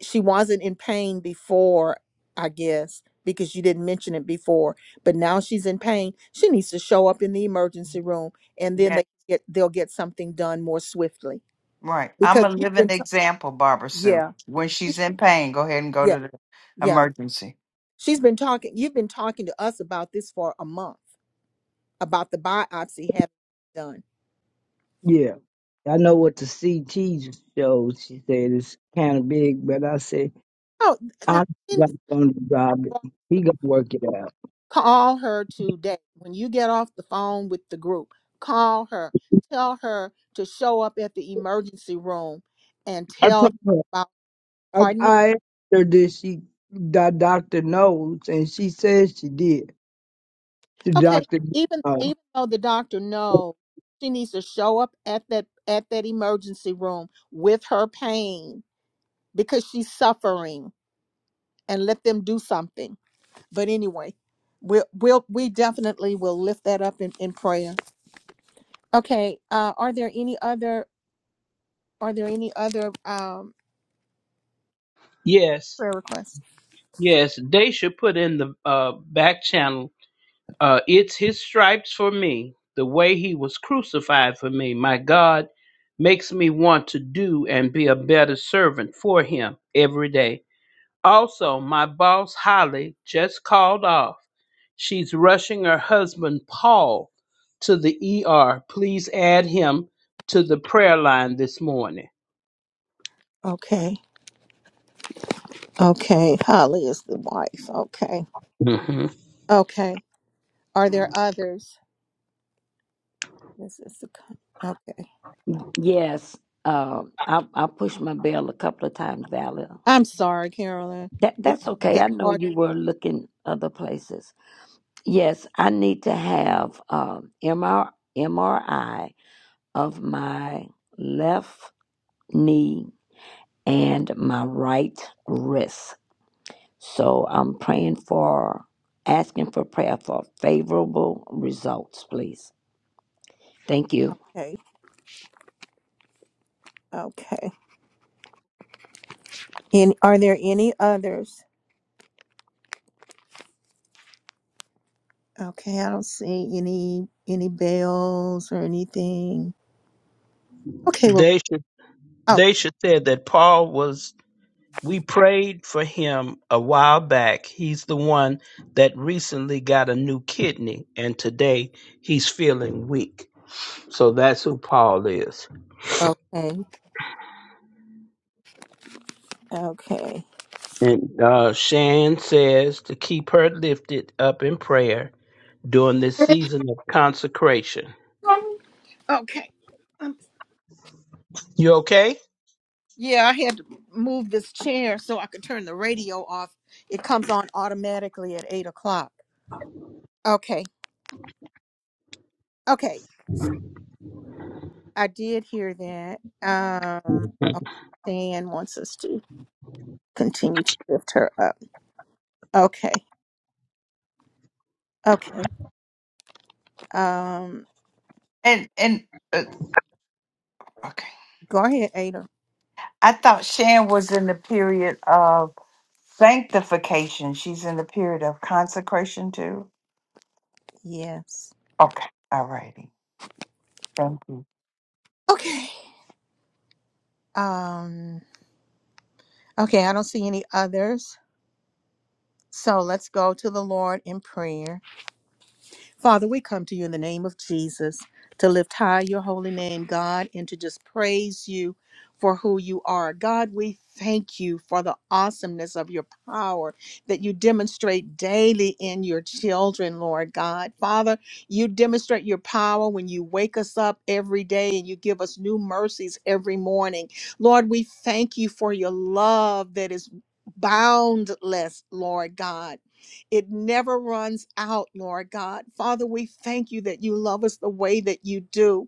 A: She wasn't in pain before, I guess, because you didn't mention it before, but now she's in pain. She needs to show up in the emergency room and then
D: yeah,
A: they get they'll get something done more swiftly
D: Right. I'm
A: because
D: a
A: you've
D: living
A: been t-
D: example, Barbara Sue.
A: yeah.
D: When she's in pain, go ahead and go
A: Yeah.
D: to the
A: Yeah.
D: emergency.
A: She's been talking you've been talking to us about this for a month about the biopsy having been done.
C: yeah. I know what the CT shows. She said it's kind of big, but I said
A: Oh, now
C: I'm not
A: Kenny's
C: gonna drop it. He gonna work it out.
A: call her today. When you get off the phone with the group, call her. Tell her to show up at the emergency room and
C: I
A: tell
C: told
A: them
C: her.
A: about.
C: I,
A: Pardon me.
C: I asked her did she the doctor knows, and she says she did. The
A: Okay,
C: doctor
A: even
C: knows.
A: even though the doctor knows, she needs to show up at that at that emergency room with her pain because she's suffering and let them do something. But anyway, we'll, we'll we definitely will lift that up in, in prayer. Okay, uh, are there any other, are there any other, um,
H: Yes,
A: prayer requests?
H: yes. Daisha put in the uh, back channel Uh, it's his stripes for me, the way he was crucified for me. My God makes me want to do and be a better servant for him every day. Also, my boss, Holly, just called off. She's rushing her husband, Paul, to the ER. Please add him to the prayer line this morning.
A: Okay, okay, Holly is the wife, okay,
H: hmm
A: okay. Are there others? This is the, con- okay.
M: Y- Yes, uh, I I pushed my bell a couple of times, Valerie.
A: I'm sorry, Carolyn.
M: That
A: It,
M: that's okay. I
A: it's
M: know
A: hard.
M: you were looking other places. Yes, I need to have um, MR, of my left knee and my right wrist. So I'm praying for, asking for prayer for favorable results, please. Thank you.
A: Okay. Okay. And are there any others? Okay, I don't see any any bells or anything. Okay. Well.
H: They should
A: Oh.
H: they should say that Paul was We prayed for him a while back. He's the one that recently got a new kidney, and today he's feeling weak. So that's who Paul is.
A: Okay. Okay.
H: And uh, Shan says to keep her lifted up in prayer during this season of consecration.
A: Okay. Um,
H: You okay?
A: yeah, I had to move this chair so I could turn the radio off. It comes on automatically at eight o'clock. Okay. Okay. I did hear that. Um. Dan wants us to continue to lift her up. Okay. Okay. Um
D: and and uh, okay
A: go ahead, Ada.
D: i thought shan was in the period of sanctification she's in the period of consecration too
A: Yes.
D: okay all righty thank you
A: Okay. Um okay, I don't see any others. So let's go to the Lord in prayer. Father, we come to you in the name of Jesus to lift high your holy name, God, and to just praise you for who you are. God, we thank you for the awesomeness of your power that you demonstrate daily in your children, Lord God. Father, you demonstrate your power when you wake us up every day and you give us new mercies every morning. Lord, we thank you for your love that is boundless, Lord God. It never runs out, Lord God. Father, we thank you that you love us the way that you do.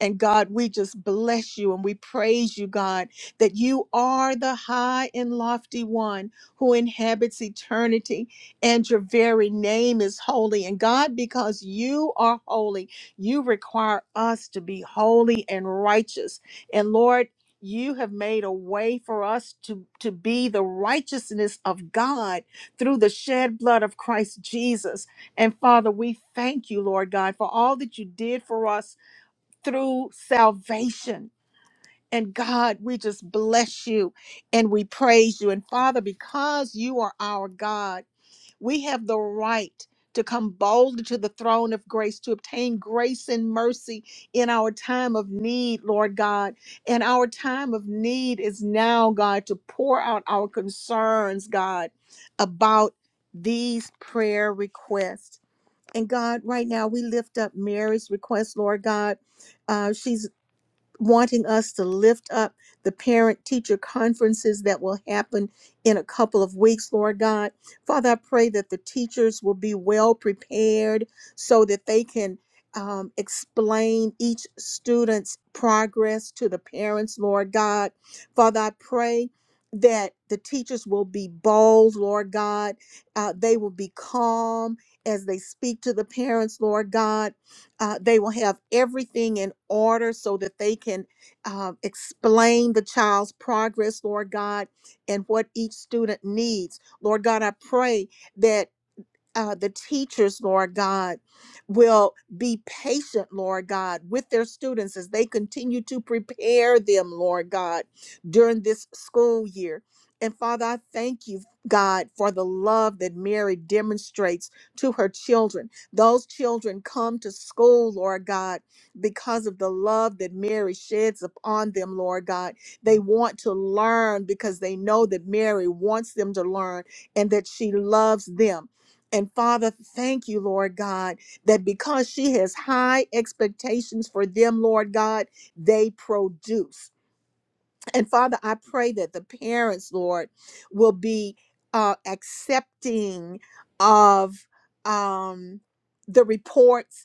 A: And God, we just bless you and we praise you, God, that you are the high and lofty one who inhabits eternity, and your very name is holy. And God, because you are holy, you require us to be holy and righteous. And Lord, you have made a way for us to, to be the righteousness of God through the shed blood of Christ Jesus. And Father, we thank you, Lord God, for all that you did for us through salvation. And God, we just bless you and we praise you. And Father, because you are our God, we have the right to come boldly to the throne of grace to obtain grace and mercy in our time of need, Lord God. And our time of need is now, God, to pour out our concerns, God, about these prayer requests. And God, right now we lift up Mary's request, Lord God. Uh, she's wanting us to lift up the parent teacher conferences that will happen in a couple of weeks, Lord God. Father, I pray that the teachers will be well prepared so that they can um, explain each student's progress to the parents, Lord God. Father, I pray. That the teachers will be bold, Lord God. Uh, they will be calm as they speak to the parents, Lord God uh, they will have everything in order so that they can uh, explain the child's progress, Lord God, and what each student needs. Lord God, I pray that uh, the teachers, Lord God, will be patient, Lord God, with their students as they continue to prepare them, Lord God, during this school year. And Father, I thank you, God, for the love that Mary demonstrates to her children. Those children come to school, Lord God, because of the love that Mary sheds upon them, Lord God. They want to learn because they know that Mary wants them to learn and that she loves them. And Father, thank you, Lord God, that because she has high expectations for them, Lord God, they produce. And Father, I pray that the parents, Lord, will be uh, accepting of um, the reports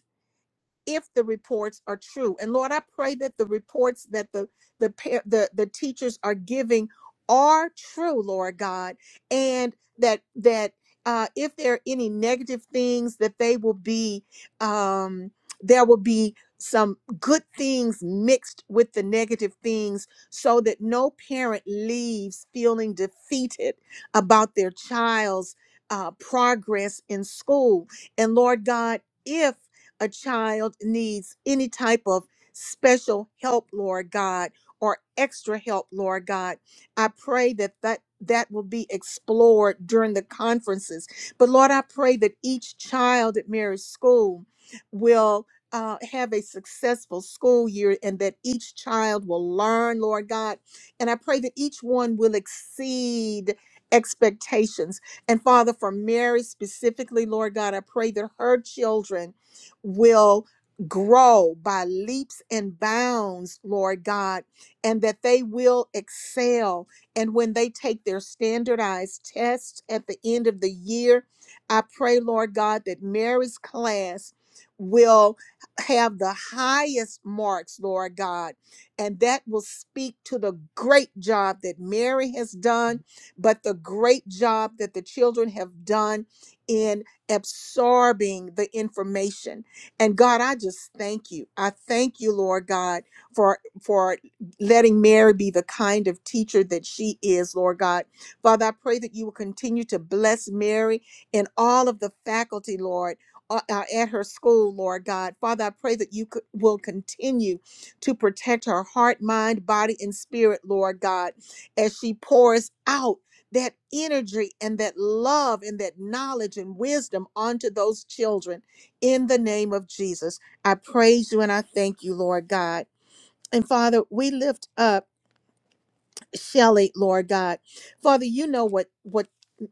A: if the reports are true. And Lord, I pray that the reports that the the pa- the, the teachers are giving are true, Lord God, and that that uh, if there are any negative things, that they will be um, there will be some good things mixed with the negative things, so that no parent leaves feeling defeated about their child's uh, progress in school. And Lord God, if a child needs any type of special help, Lord God, or extra help, Lord God, I pray that that that will be explored during the conferences. But Lord, I pray that each child at Mary School will uh, have a successful school year and that each child will learn, Lord God. And I pray that each one will exceed expectations. And Father, for Mary specifically, Lord God, I pray that her children will grow by leaps and bounds, Lord God, and that they will excel. And when they take their standardized tests at the end of the year, I pray, Lord God, that Mary's class will have the highest marks, Lord God, and that will speak to the great job that Mary has done, but the great job that the children have done in absorbing the information and God, I just thank you. I thank you, Lord God, for for letting Mary be the kind of teacher that she is, Lord God. Father, I pray that you will continue to bless Mary and all of the faculty, Lord, uh, uh, at her school, Lord God. Father, I pray that you could, will continue to protect her heart, mind, body, and spirit, Lord God, as she pours out that energy and that love and that knowledge and wisdom onto those children in the name of Jesus. I praise you and I thank you, Lord God. And Father, we lift up. Shelly, Lord God. Father, you know what what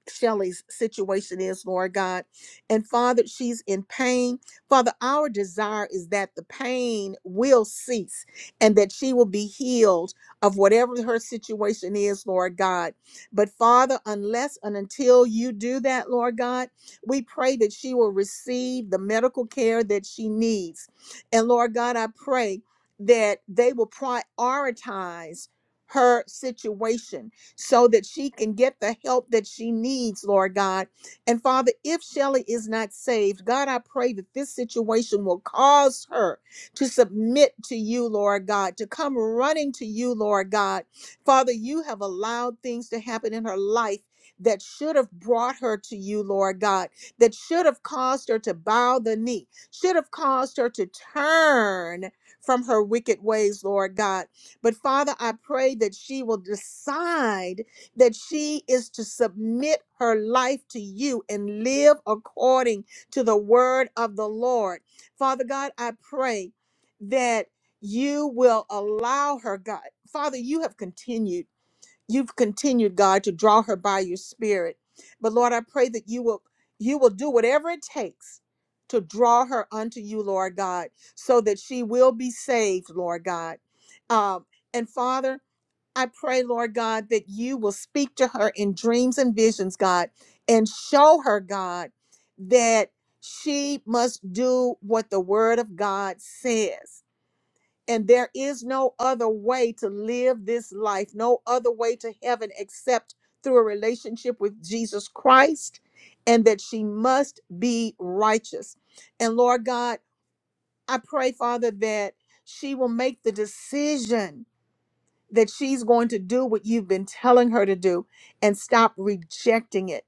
A: Shelly's situation is, Lord God. And Father, she's in pain. Father, our desire is that the pain will cease and that she will be healed of whatever her situation is, Lord God. But Father, unless and until you do that, Lord God, we pray that she will receive the medical care that she needs. And Lord God, I pray that they will prioritize her situation so that she can get the help that she needs, Lord God. And Father, if Shelly is not saved, God, I pray that this situation will cause her to submit to you, Lord God, to come running to you, Lord God. Father, you have allowed things to happen in her life. That should have brought her to you, Lord God, that should have caused her to bow the knee, should have caused her to turn from her wicked ways, Lord God. But Father, I pray that she will decide that she is to submit her life to you and live according to the word of the Lord. Father God, I pray that you will allow her, God. Father, you have continued you've continued god to draw her by your spirit but lord i pray that you will you will do whatever it takes to draw her unto you lord god so that she will be saved lord god um, and father i pray lord god that you will speak to her in dreams and visions god and show her god that she must do what the word of god says and there is no other way to live this life, no other way to heaven except through a relationship with Jesus Christ, and that she must be righteous. And Lord God, I pray, Father, that she will make the decision that she's going to do what you've been telling her to do and stop rejecting it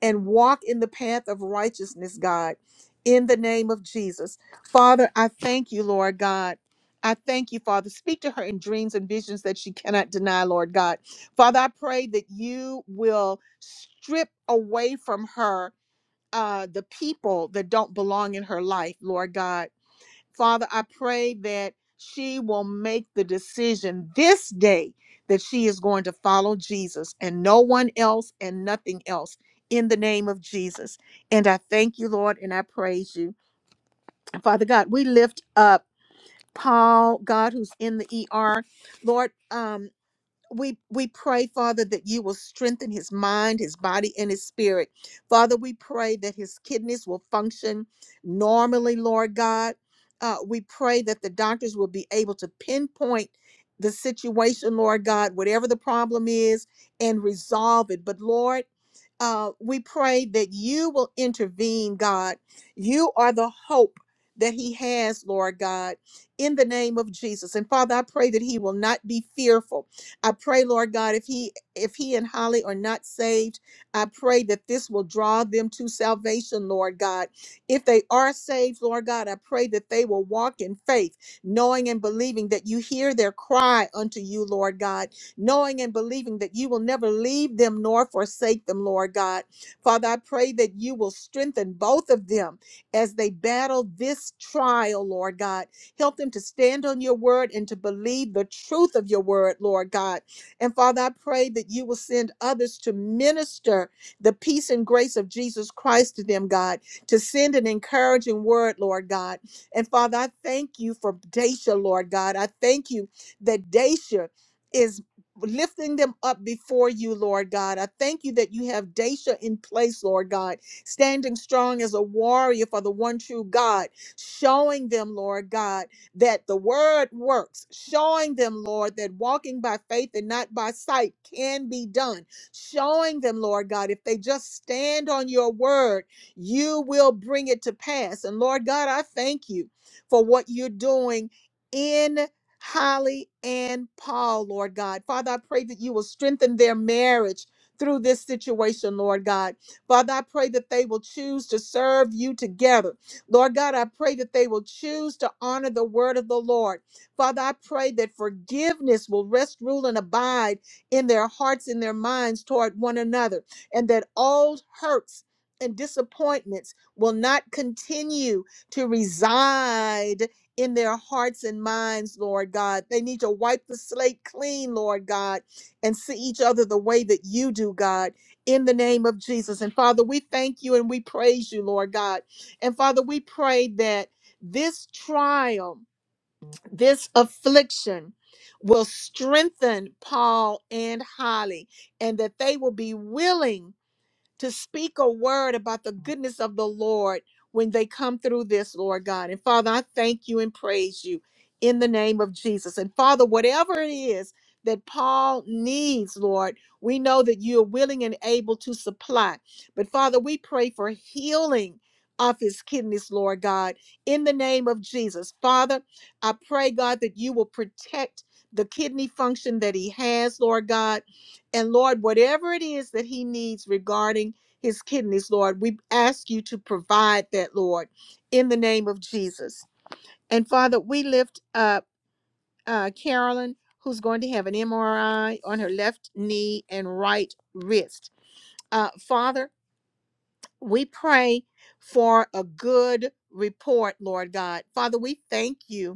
A: and walk in the path of righteousness, God, in the name of Jesus. Father, I thank you, Lord God. I thank you, Father. Speak to her in dreams and visions that she cannot deny, Lord God. Father, I pray that you will strip away from her uh, the people that don't belong in her life, Lord God Father, I pray that she will make the decision this day that she is going to follow Jesus and no one else and nothing else in the name of Jesus. And I thank you, Lord, and I praise you. Father God, we lift up Paul, God, who's in the ER. Lord, um, we we pray father that you will strengthen his mind his body and his spirit father we pray that his kidneys will function normally lord god uh, we pray that the doctors will be able to pinpoint the situation lord god whatever the problem is and resolve it but lord uh, we pray that you will intervene, God. You are the hope that he has, Lord God, in the name of Jesus. And Father, I pray that he will not be fearful I pray, Lord God, if he if he and Holly are not saved, I pray that this will draw them to salvation, Lord God. If they are saved, Lord God, I pray that they will walk in faith, knowing and believing that you hear their cry unto you, Lord God, knowing and believing that you will never leave them nor forsake them, Lord God. Father, I pray that you will strengthen both of them as they battle this trial, Lord God Help them to stand on your word and to believe the truth of your word, Lord God. And Father, I pray that you will send others to minister the peace and grace of Jesus Christ to them, God, to send an encouraging word, Lord God. And Father, I thank you for Daisha, Lord God. I thank you that Daisha is lifting them up before you, Lord God. I thank you that you have Daisha in place, Lord God, standing strong as a warrior for the one true God, showing them, Lord God that the word works, showing them, Lord, that walking by faith and not by sight can be done. Showing them, Lord God, if they just stand on your word, you will bring it to pass. And Lord God, I thank you for what you're doing in Holly and Paul, Lord God. Father, I pray that you will strengthen their marriage through this situation, Lord God. Father, I pray that they will choose to serve you together Lord God, I pray that they will choose to honor the word of the Lord. Father, I pray that forgiveness will rest, rule, and abide in their hearts and their minds toward one another, and that old hurts and disappointments will not continue to reside in their hearts and minds, Lord God. They need to wipe the slate clean, Lord God, and see each other the way that you do, God, in the name of Jesus. And Father, we thank you and we praise you, Lord God and Father, we pray that this trial, this affliction will strengthen Paul and Holly, and that they will be willing to speak a word about the goodness of the Lord when they come through this, Lord God. And Father, I thank you and praise you in the name of Jesus. And Father, whatever it is that Paul needs, Lord, we know that you are willing and able to supply. But Father, we pray for healing of his kidneys, Lord God, in the name of Jesus. Father, I pray, God, that you will protect the kidney function that he has, Lord God. And Lord, whatever it is that he needs regarding his kidneys, Lord, we ask you to provide that, Lord, in the name of Jesus. And Father, we lift up uh, Carolyn, who's going to have an MRI on her left knee and right wrist. Uh, Father, we pray for a good report, Lord God. Father, we thank you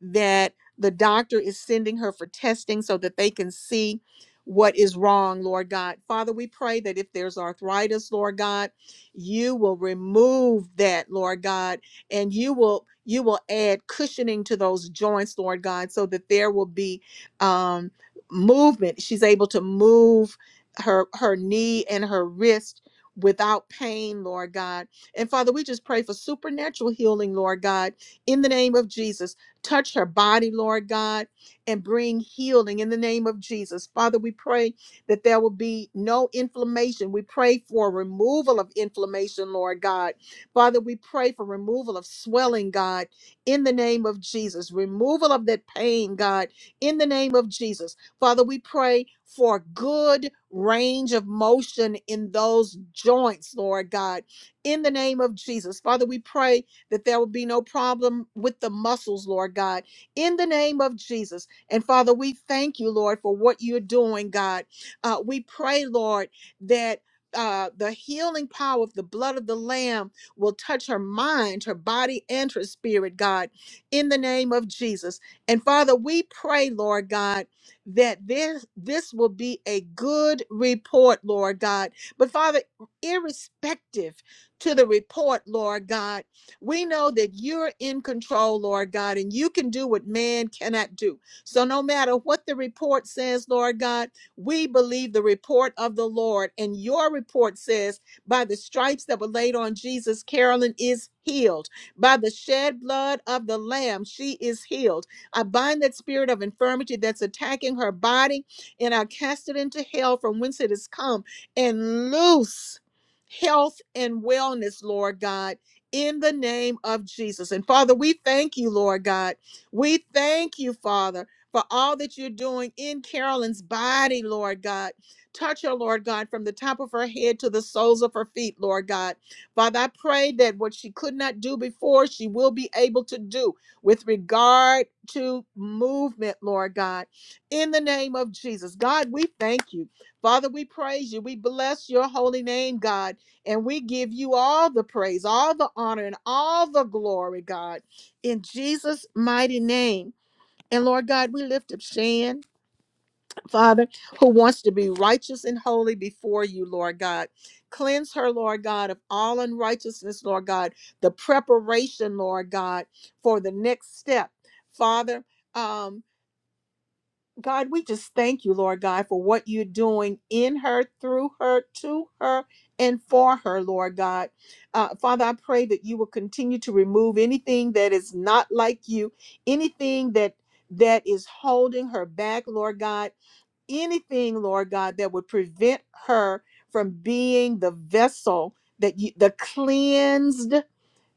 A: that the doctor is sending her for testing so that they can see what is wrong, Lord God. Father, we pray that if there's arthritis, Lord God, you will remove that, Lord God, and you will you will add cushioning to those joints, Lord God, so that there will be um movement. She's able to move her her knee and her wrist without pain, Lord God. And Father, we just pray for supernatural healing, Lord God, in the name of Jesus. Touch her body, Lord God, and bring healing in the name of Jesus. Father, we pray that there will be no inflammation. We pray for removal of inflammation, Lord God. Father, we pray for removal of swelling, God, in the name of Jesus. Removal of that pain, God, in the name of Jesus. Father, we pray for good range of motion in those joints, Lord God, in the name of Jesus. Father, we pray that there will be no problem with the muscles, Lord God, in the name of Jesus. And Father, we thank you, Lord, for what you're doing, God. Uh, we pray, Lord, that. Uh, the healing power of the blood of the Lamb will touch her mind, her body, and her spirit, God, in the name of Jesus. And Father, we pray, Lord God, that this this will be a good report, Lord God. But Father, irrespective to the report, Lord God. We know that you're in control, Lord God, and you can do what man cannot do. So, no matter what the report says, Lord God, we believe the report of the Lord. And your report says, by the stripes that were laid on Jesus, Carolyn is healed. By the shed blood of the Lamb, she is healed. I bind that spirit of infirmity that's attacking her body, and I cast it into hell from whence it has come and loose health and wellness, Lord God in the name of Jesus. And Father, we thank you, Lord God. We thank you, Father, for all that you're doing in Carolyn's body, Lord God. Touch her, Lord God, from the top of her head to the soles of her feet, Lord God. Father, I pray that what she could not do before, she will be able to do with regard to movement, Lord God. In the name of Jesus, God, we thank you. Father, we praise you. We bless your holy name, God. And we give you all the praise, all the honor, and all the glory, God, in Jesus' mighty name. And Lord God, we lift up Shan, Father, who wants to be righteous and holy before you, Lord God. Cleanse her, Lord God, of all unrighteousness, Lord God, the preparation, Lord God, for the next step. Father, Um. God, we just thank you, Lord God, for what you're doing in her, through her, to her, and for her, Lord God. Uh, Father, I pray that you will continue to remove anything that is not like you, anything that that is holding her back, Lord God, anything, Lord God, that would prevent her from being the vessel that you, the cleansed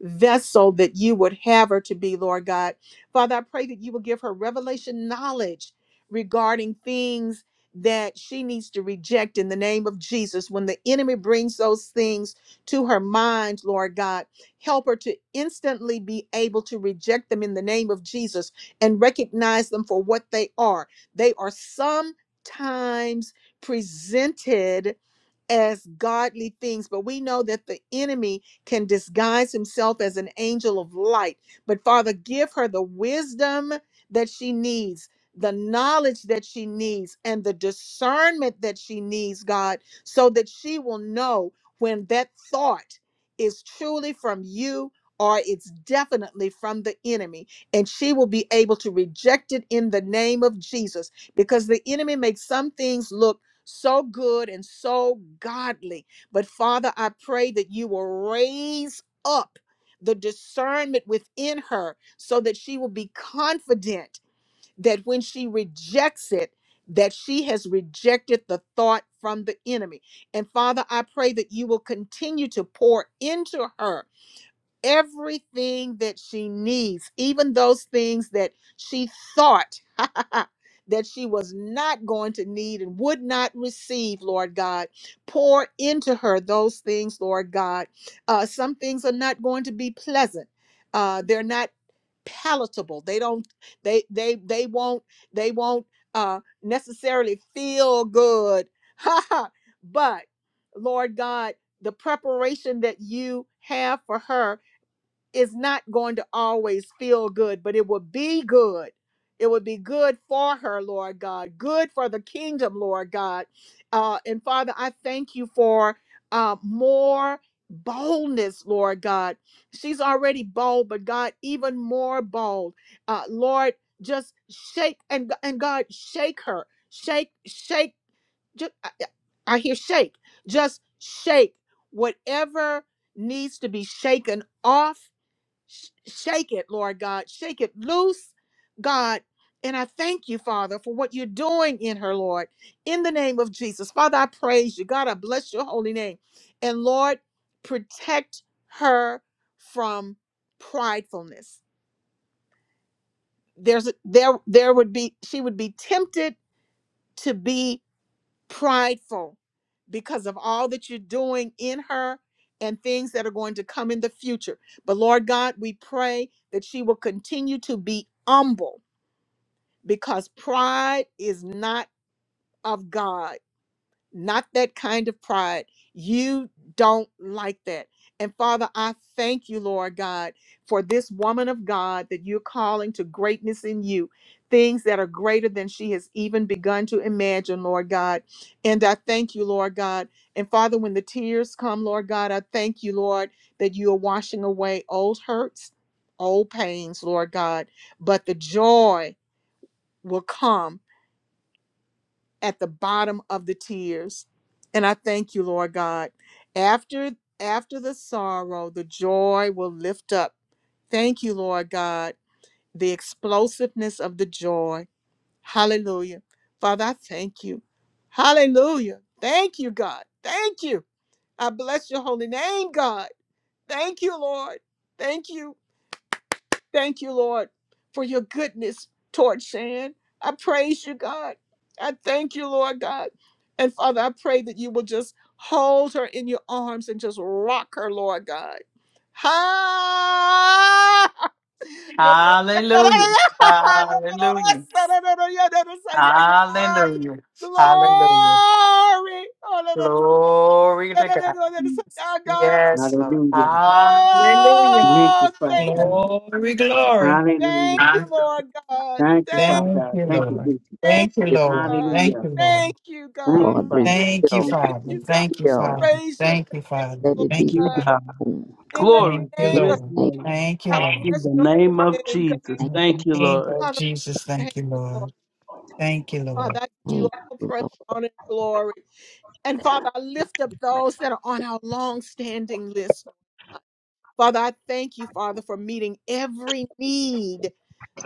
A: vessel that you would have her to be, Lord God. Father, I pray that you will give her revelation knowledge regarding things that she needs to reject in the name of Jesus. When the enemy brings those things to her mind, Lord God, help her to instantly be able to reject them in the name of Jesus and recognize them for what they are. They are sometimes presented as godly things, but we know that the enemy can disguise himself as an angel of light. But Father, give her the wisdom that she needs, the knowledge that she needs, and the discernment that she needs, God, so that she will know when that thought is truly from you or it's definitely from the enemy. And she will be able to reject it in the name of Jesus because the enemy makes some things look so good and so godly. But Father, I pray that you will raise up the discernment within her so that she will be confident that when she rejects it, that she has rejected the thought from the enemy. And Father, I pray that you will continue to pour into her everything that she needs, even those things that she thought (laughs) that she was not going to need and would not receive, Lord God. Pour into her those things, Lord God. Uh, some things are not going to be pleasant. Uh, they're not palatable. They don't. They they they won't. They won't uh, necessarily feel good. (laughs) but Lord God, the preparation that you have for her is not going to always feel good, but it will be good. It would be good for her, Lord God, good for the kingdom, Lord God. Uh, and Father, I thank you for uh, more boldness, Lord God. She's already bold, but God, even more bold. Uh, Lord, just shake and and God, shake her, shake, shake. Just, I, I hear shake. Just shake whatever needs to be shaken off Sh- shake it, Lord God. Shake it loose, God. And I thank you, Father, for what you're doing in her, Lord, in the name of Jesus. Father, I praise you. God, I bless your holy name. And Lord, protect her from pridefulness. There's a- there there would be she would be tempted to be prideful because of all that you're doing in her and things that are going to come in the future. But Lord God, we pray that she will continue to be humble because pride is not of God not that kind of pride. You don't like that. And Father, I thank you, Lord God, for this woman of God that you're calling to greatness in you, things that are greater than she has even begun to imagine, Lord God. And I thank you, Lord God. And Father, when the tears come, Lord God, I thank you, Lord, that you are washing away old hurts, old pains, Lord God. But the joy will come at the bottom of the tears. And I thank you, Lord God. After after the sorrow, the joy will lift up. Thank you, Lord God, the explosiveness of the joy. Hallelujah. Father, I thank you. Hallelujah. Thank you, God. Thank you. I bless your holy name, God. Thank you, Lord. Thank you. Thank you, Lord, for your goodness toward Shan. I praise you, God. I thank you, Lord God. And Father, I pray that you will just hold her in your arms and just rock her, Lord God. (laughs) Ha! Lord,
D: hallelujah hallelujah hallelujah hallelujah
A: Glory!
D: glory to god
A: (laughs) Oh, God.
D: yes lord
I: Hallelujah.
D: hallelujah
I: Thank
A: Oh,
I: you, Father
A: thank
I: God.
D: glory glory
A: Thank
I: Hallelujah.
A: you, Lord God.
I: Thank you,
A: Thank,
I: Father
D: thank
I: God.
D: you
I: Thank you,
D: lord
I: Jesus.
A: thank
D: thank you
A: you,
D: lord
A: God.
D: thank
I: Hallelujah.
D: you lord
A: Thank you,
I: Thank
A: God.
I: you,
M: Lord,
I: Father God.
D: Thank you,
M: reveal,
I: Thank you,
A: Thank
D: Father.
A: you,
I: Jesus.
A: God.
D: Thank you,
M: heal,
D: Father.
A: Praise your
D: Thank you,
A: name,
D: Father.
M: let
A: Lord
M: it be
D: Thank you,
H: To
A: God.
D: Father.
H: God.
M: known.
A: In the
D: Thank
H: Glory
D: you,
A: name
H: to
M: In the
A: of
H: his
D: Lord.
M: name
A: Jesus,
H: name.
D: Thank you,
A: I
D: Lord.
H: In
A: bless
H: the
A: your holy
H: name of
A: name, God.
H: Jesus.
M: Thank
D: In
H: Thank
D: the
H: you,
D: name
H: Lord.
D: of
A: Father,
D: Jesus,
A: we thank
D: thank you,
A: you, Lord.
D: Lord. Thank you,
A: Father,
D: Lord.
A: I give you
M: you,
A: all praise,
M: Lord.
A: honor, and glory. And Father, I lift up those that are on our long-standing list. Father, I thank you, Father, for meeting every need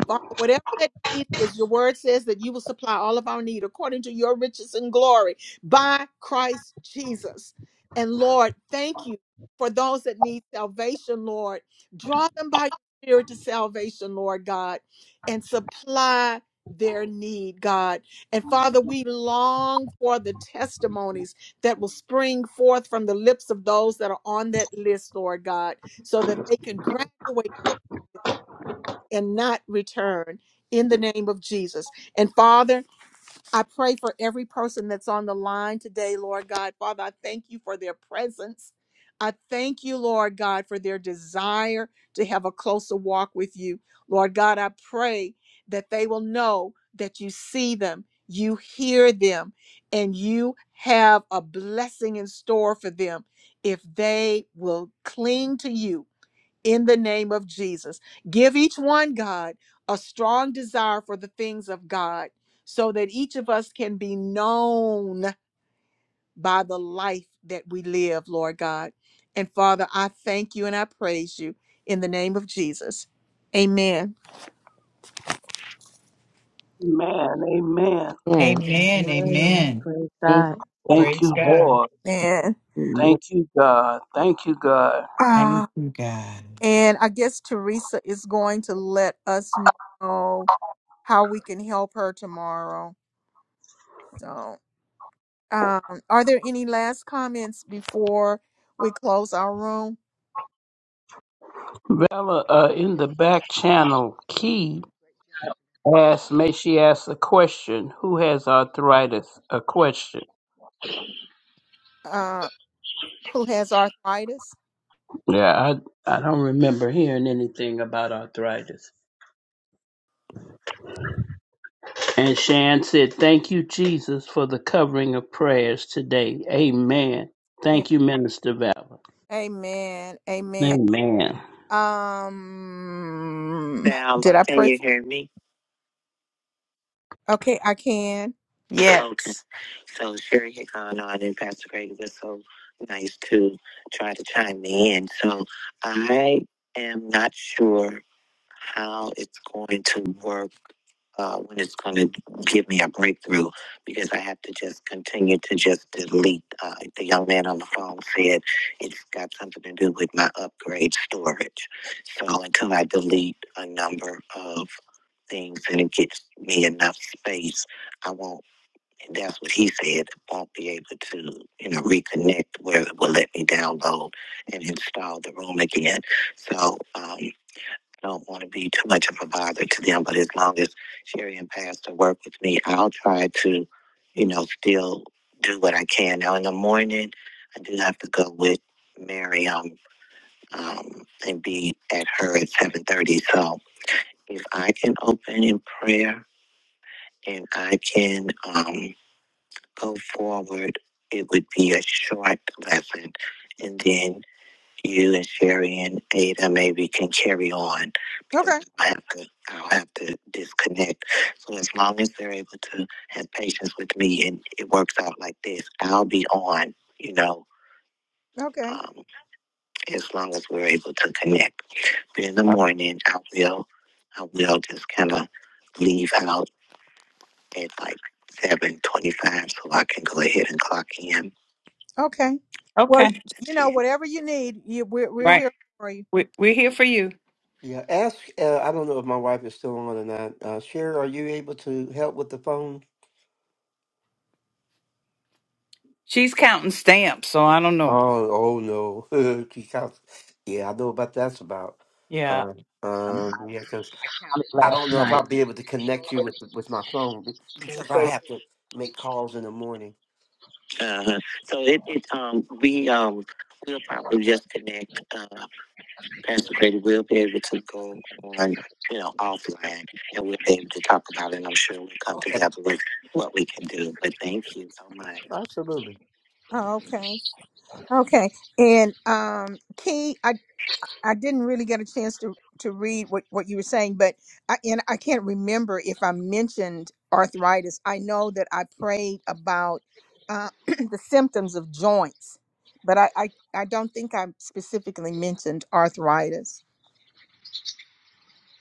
A: Father, whatever that need is, your word says that you will supply all of our need according to your riches and glory by Christ Jesus. And Lord, thank you for those that need salvation, Lord. Draw them by your spirit to salvation, Lord God, and supply their need, God. And Father, we long for the testimonies that will spring forth from the lips of those that are on that list, Lord God, so that they can graduate and not return in the name of Jesus. And Father, I pray for every person that's on the line today, Lord God. Father, I thank you for their presence. I thank you, Lord God, for their desire to have a closer walk with you. Lord God, I pray that they will know that you see them, you hear them, and you have a blessing in store for them if they will cling to you in the name of Jesus. Give each one, God, a strong desire for the things of God so that each of us can be known by the life that we live, Lord God. And Father, I thank you and I praise you in the name of Jesus. Amen.
H: Amen. Amen.
M: And
D: Amen.
L: Amen.
D: Amen.
L: Praise
M: thank you,
L: God.
M: Lord.
H: Thank
D: Praise
H: you,
D: God.
H: Lord.
A: Man.
M: Lord
H: Thank you, God. Thank you, God.
D: Thank
A: Ah,
D: you, God.
A: and I guess Teresa is going to let us know how we can help her tomorrow. So. Um, are there any last comments before we close our room?
H: Vella, uh, in the back channel, Key asked, may she ask a question? Who has arthritis? A question.
A: Uh, who has arthritis?
H: Yeah, I, I don't remember hearing anything about arthritis. And Shan said, thank you, Jesus, for the covering of prayers today. Amen.
A: A-
H: Thank you, Minister Vella.
A: Amen. Amen.
H: Amen.
A: Um,
Q: Val,
A: did I
Q: can
A: pray
Q: you
A: for?
Q: hear me?
A: Okay, I can.
D: Yes.
Q: So Sherry had gone on, and Pastor Greg was so nice to try to chime me in. So I am not sure how it's going to work uh, when it's going to give me a breakthrough because I have to just continue to just delete. Uh, the young man on the phone said it's got something to do with my upgrade storage. So until I delete a number of things and it gets me enough space, I won't and that's what he said. I won't be able to, you know, reconnect where it will let me download and install the room again. So um, I don't want to be too much of a bother to them. But as long as Sherry and Pastor work with me, I'll try to, you know, still do what I can. Now in the morning, I do have to go with Miriam um, um, and be at her at seven thirty. So if I can open in prayer and I can. Um, go forward, it would be a short lesson. And then you and Sherry and Ada maybe can carry on because
A: Okay,
Q: I have to I'll have to disconnect. So as long as they're able to have patience with me and it works out like this, I'll be on, you know,
A: okay,
Q: um, as long as we're able to connect. But in the morning I will I will just kinda leave out at like seven twenty five so I can go ahead and clock in.
A: okay. Well,
D: Okay.
A: you
Q: That's it.
A: know, whatever you need, you, we're we're
D: Right.
A: here for you.
D: We, we're here for you.
Q: Yeah, ask. Uh, I don't know if my wife is still on or not. Uh, Sherry, are you able to help with the phone?
D: She's counting stamps, so I don't know.
Q: Oh, oh no. (laughs) She counts- yeah, I know about that's about.
D: Yeah.
Q: Uh,
F: Um, I
Q: um, yeah, because
F: counted
Q: I don't
F: last
Q: know if
F: night.
Q: I'll be able to connect you with with my phone be- because I have to make calls in the morning. Uh-huh. So it, it um we um we'll probably just connect. Uh. Pastor Grady will be able to go on, you know, offline and we'll be able to talk about it. And I'm sure we'll come Okay. together with what we can do. But thank you so much. Absolutely.
A: Oh, okay, okay. And um, Key, I I didn't really get a chance to to read what what you were saying, but I and I can't remember if I mentioned arthritis. I know that I prayed about uh, (clears throat) the symptoms of joints, but I, I I don't think I specifically mentioned arthritis.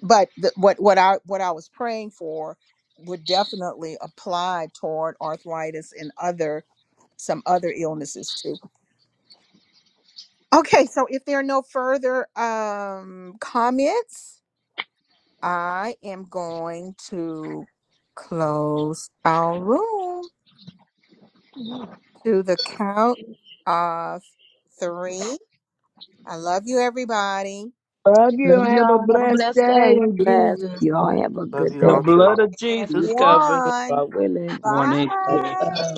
A: But the, what what I what I was praying for would definitely apply toward arthritis and other some other illnesses too. Okay, so if there are no further um, comments. I am going to close our room to the count of three. I love you, everybody.
C: Love you.
L: Love you
C: Have a
L: all. Have a
C: blessed
L: blessed
C: day
L: day.
C: in
M: bless.
C: Jesus.
M: Y'all have a
Q: Love
M: good
Q: you
H: The
M: day.
Q: all too.
H: blood of
A: And
M: See
H: Jesus
M: you tomorrow,
H: covers
A: one.
M: God willing.
H: one inch.
A: Bye.
M: Bye.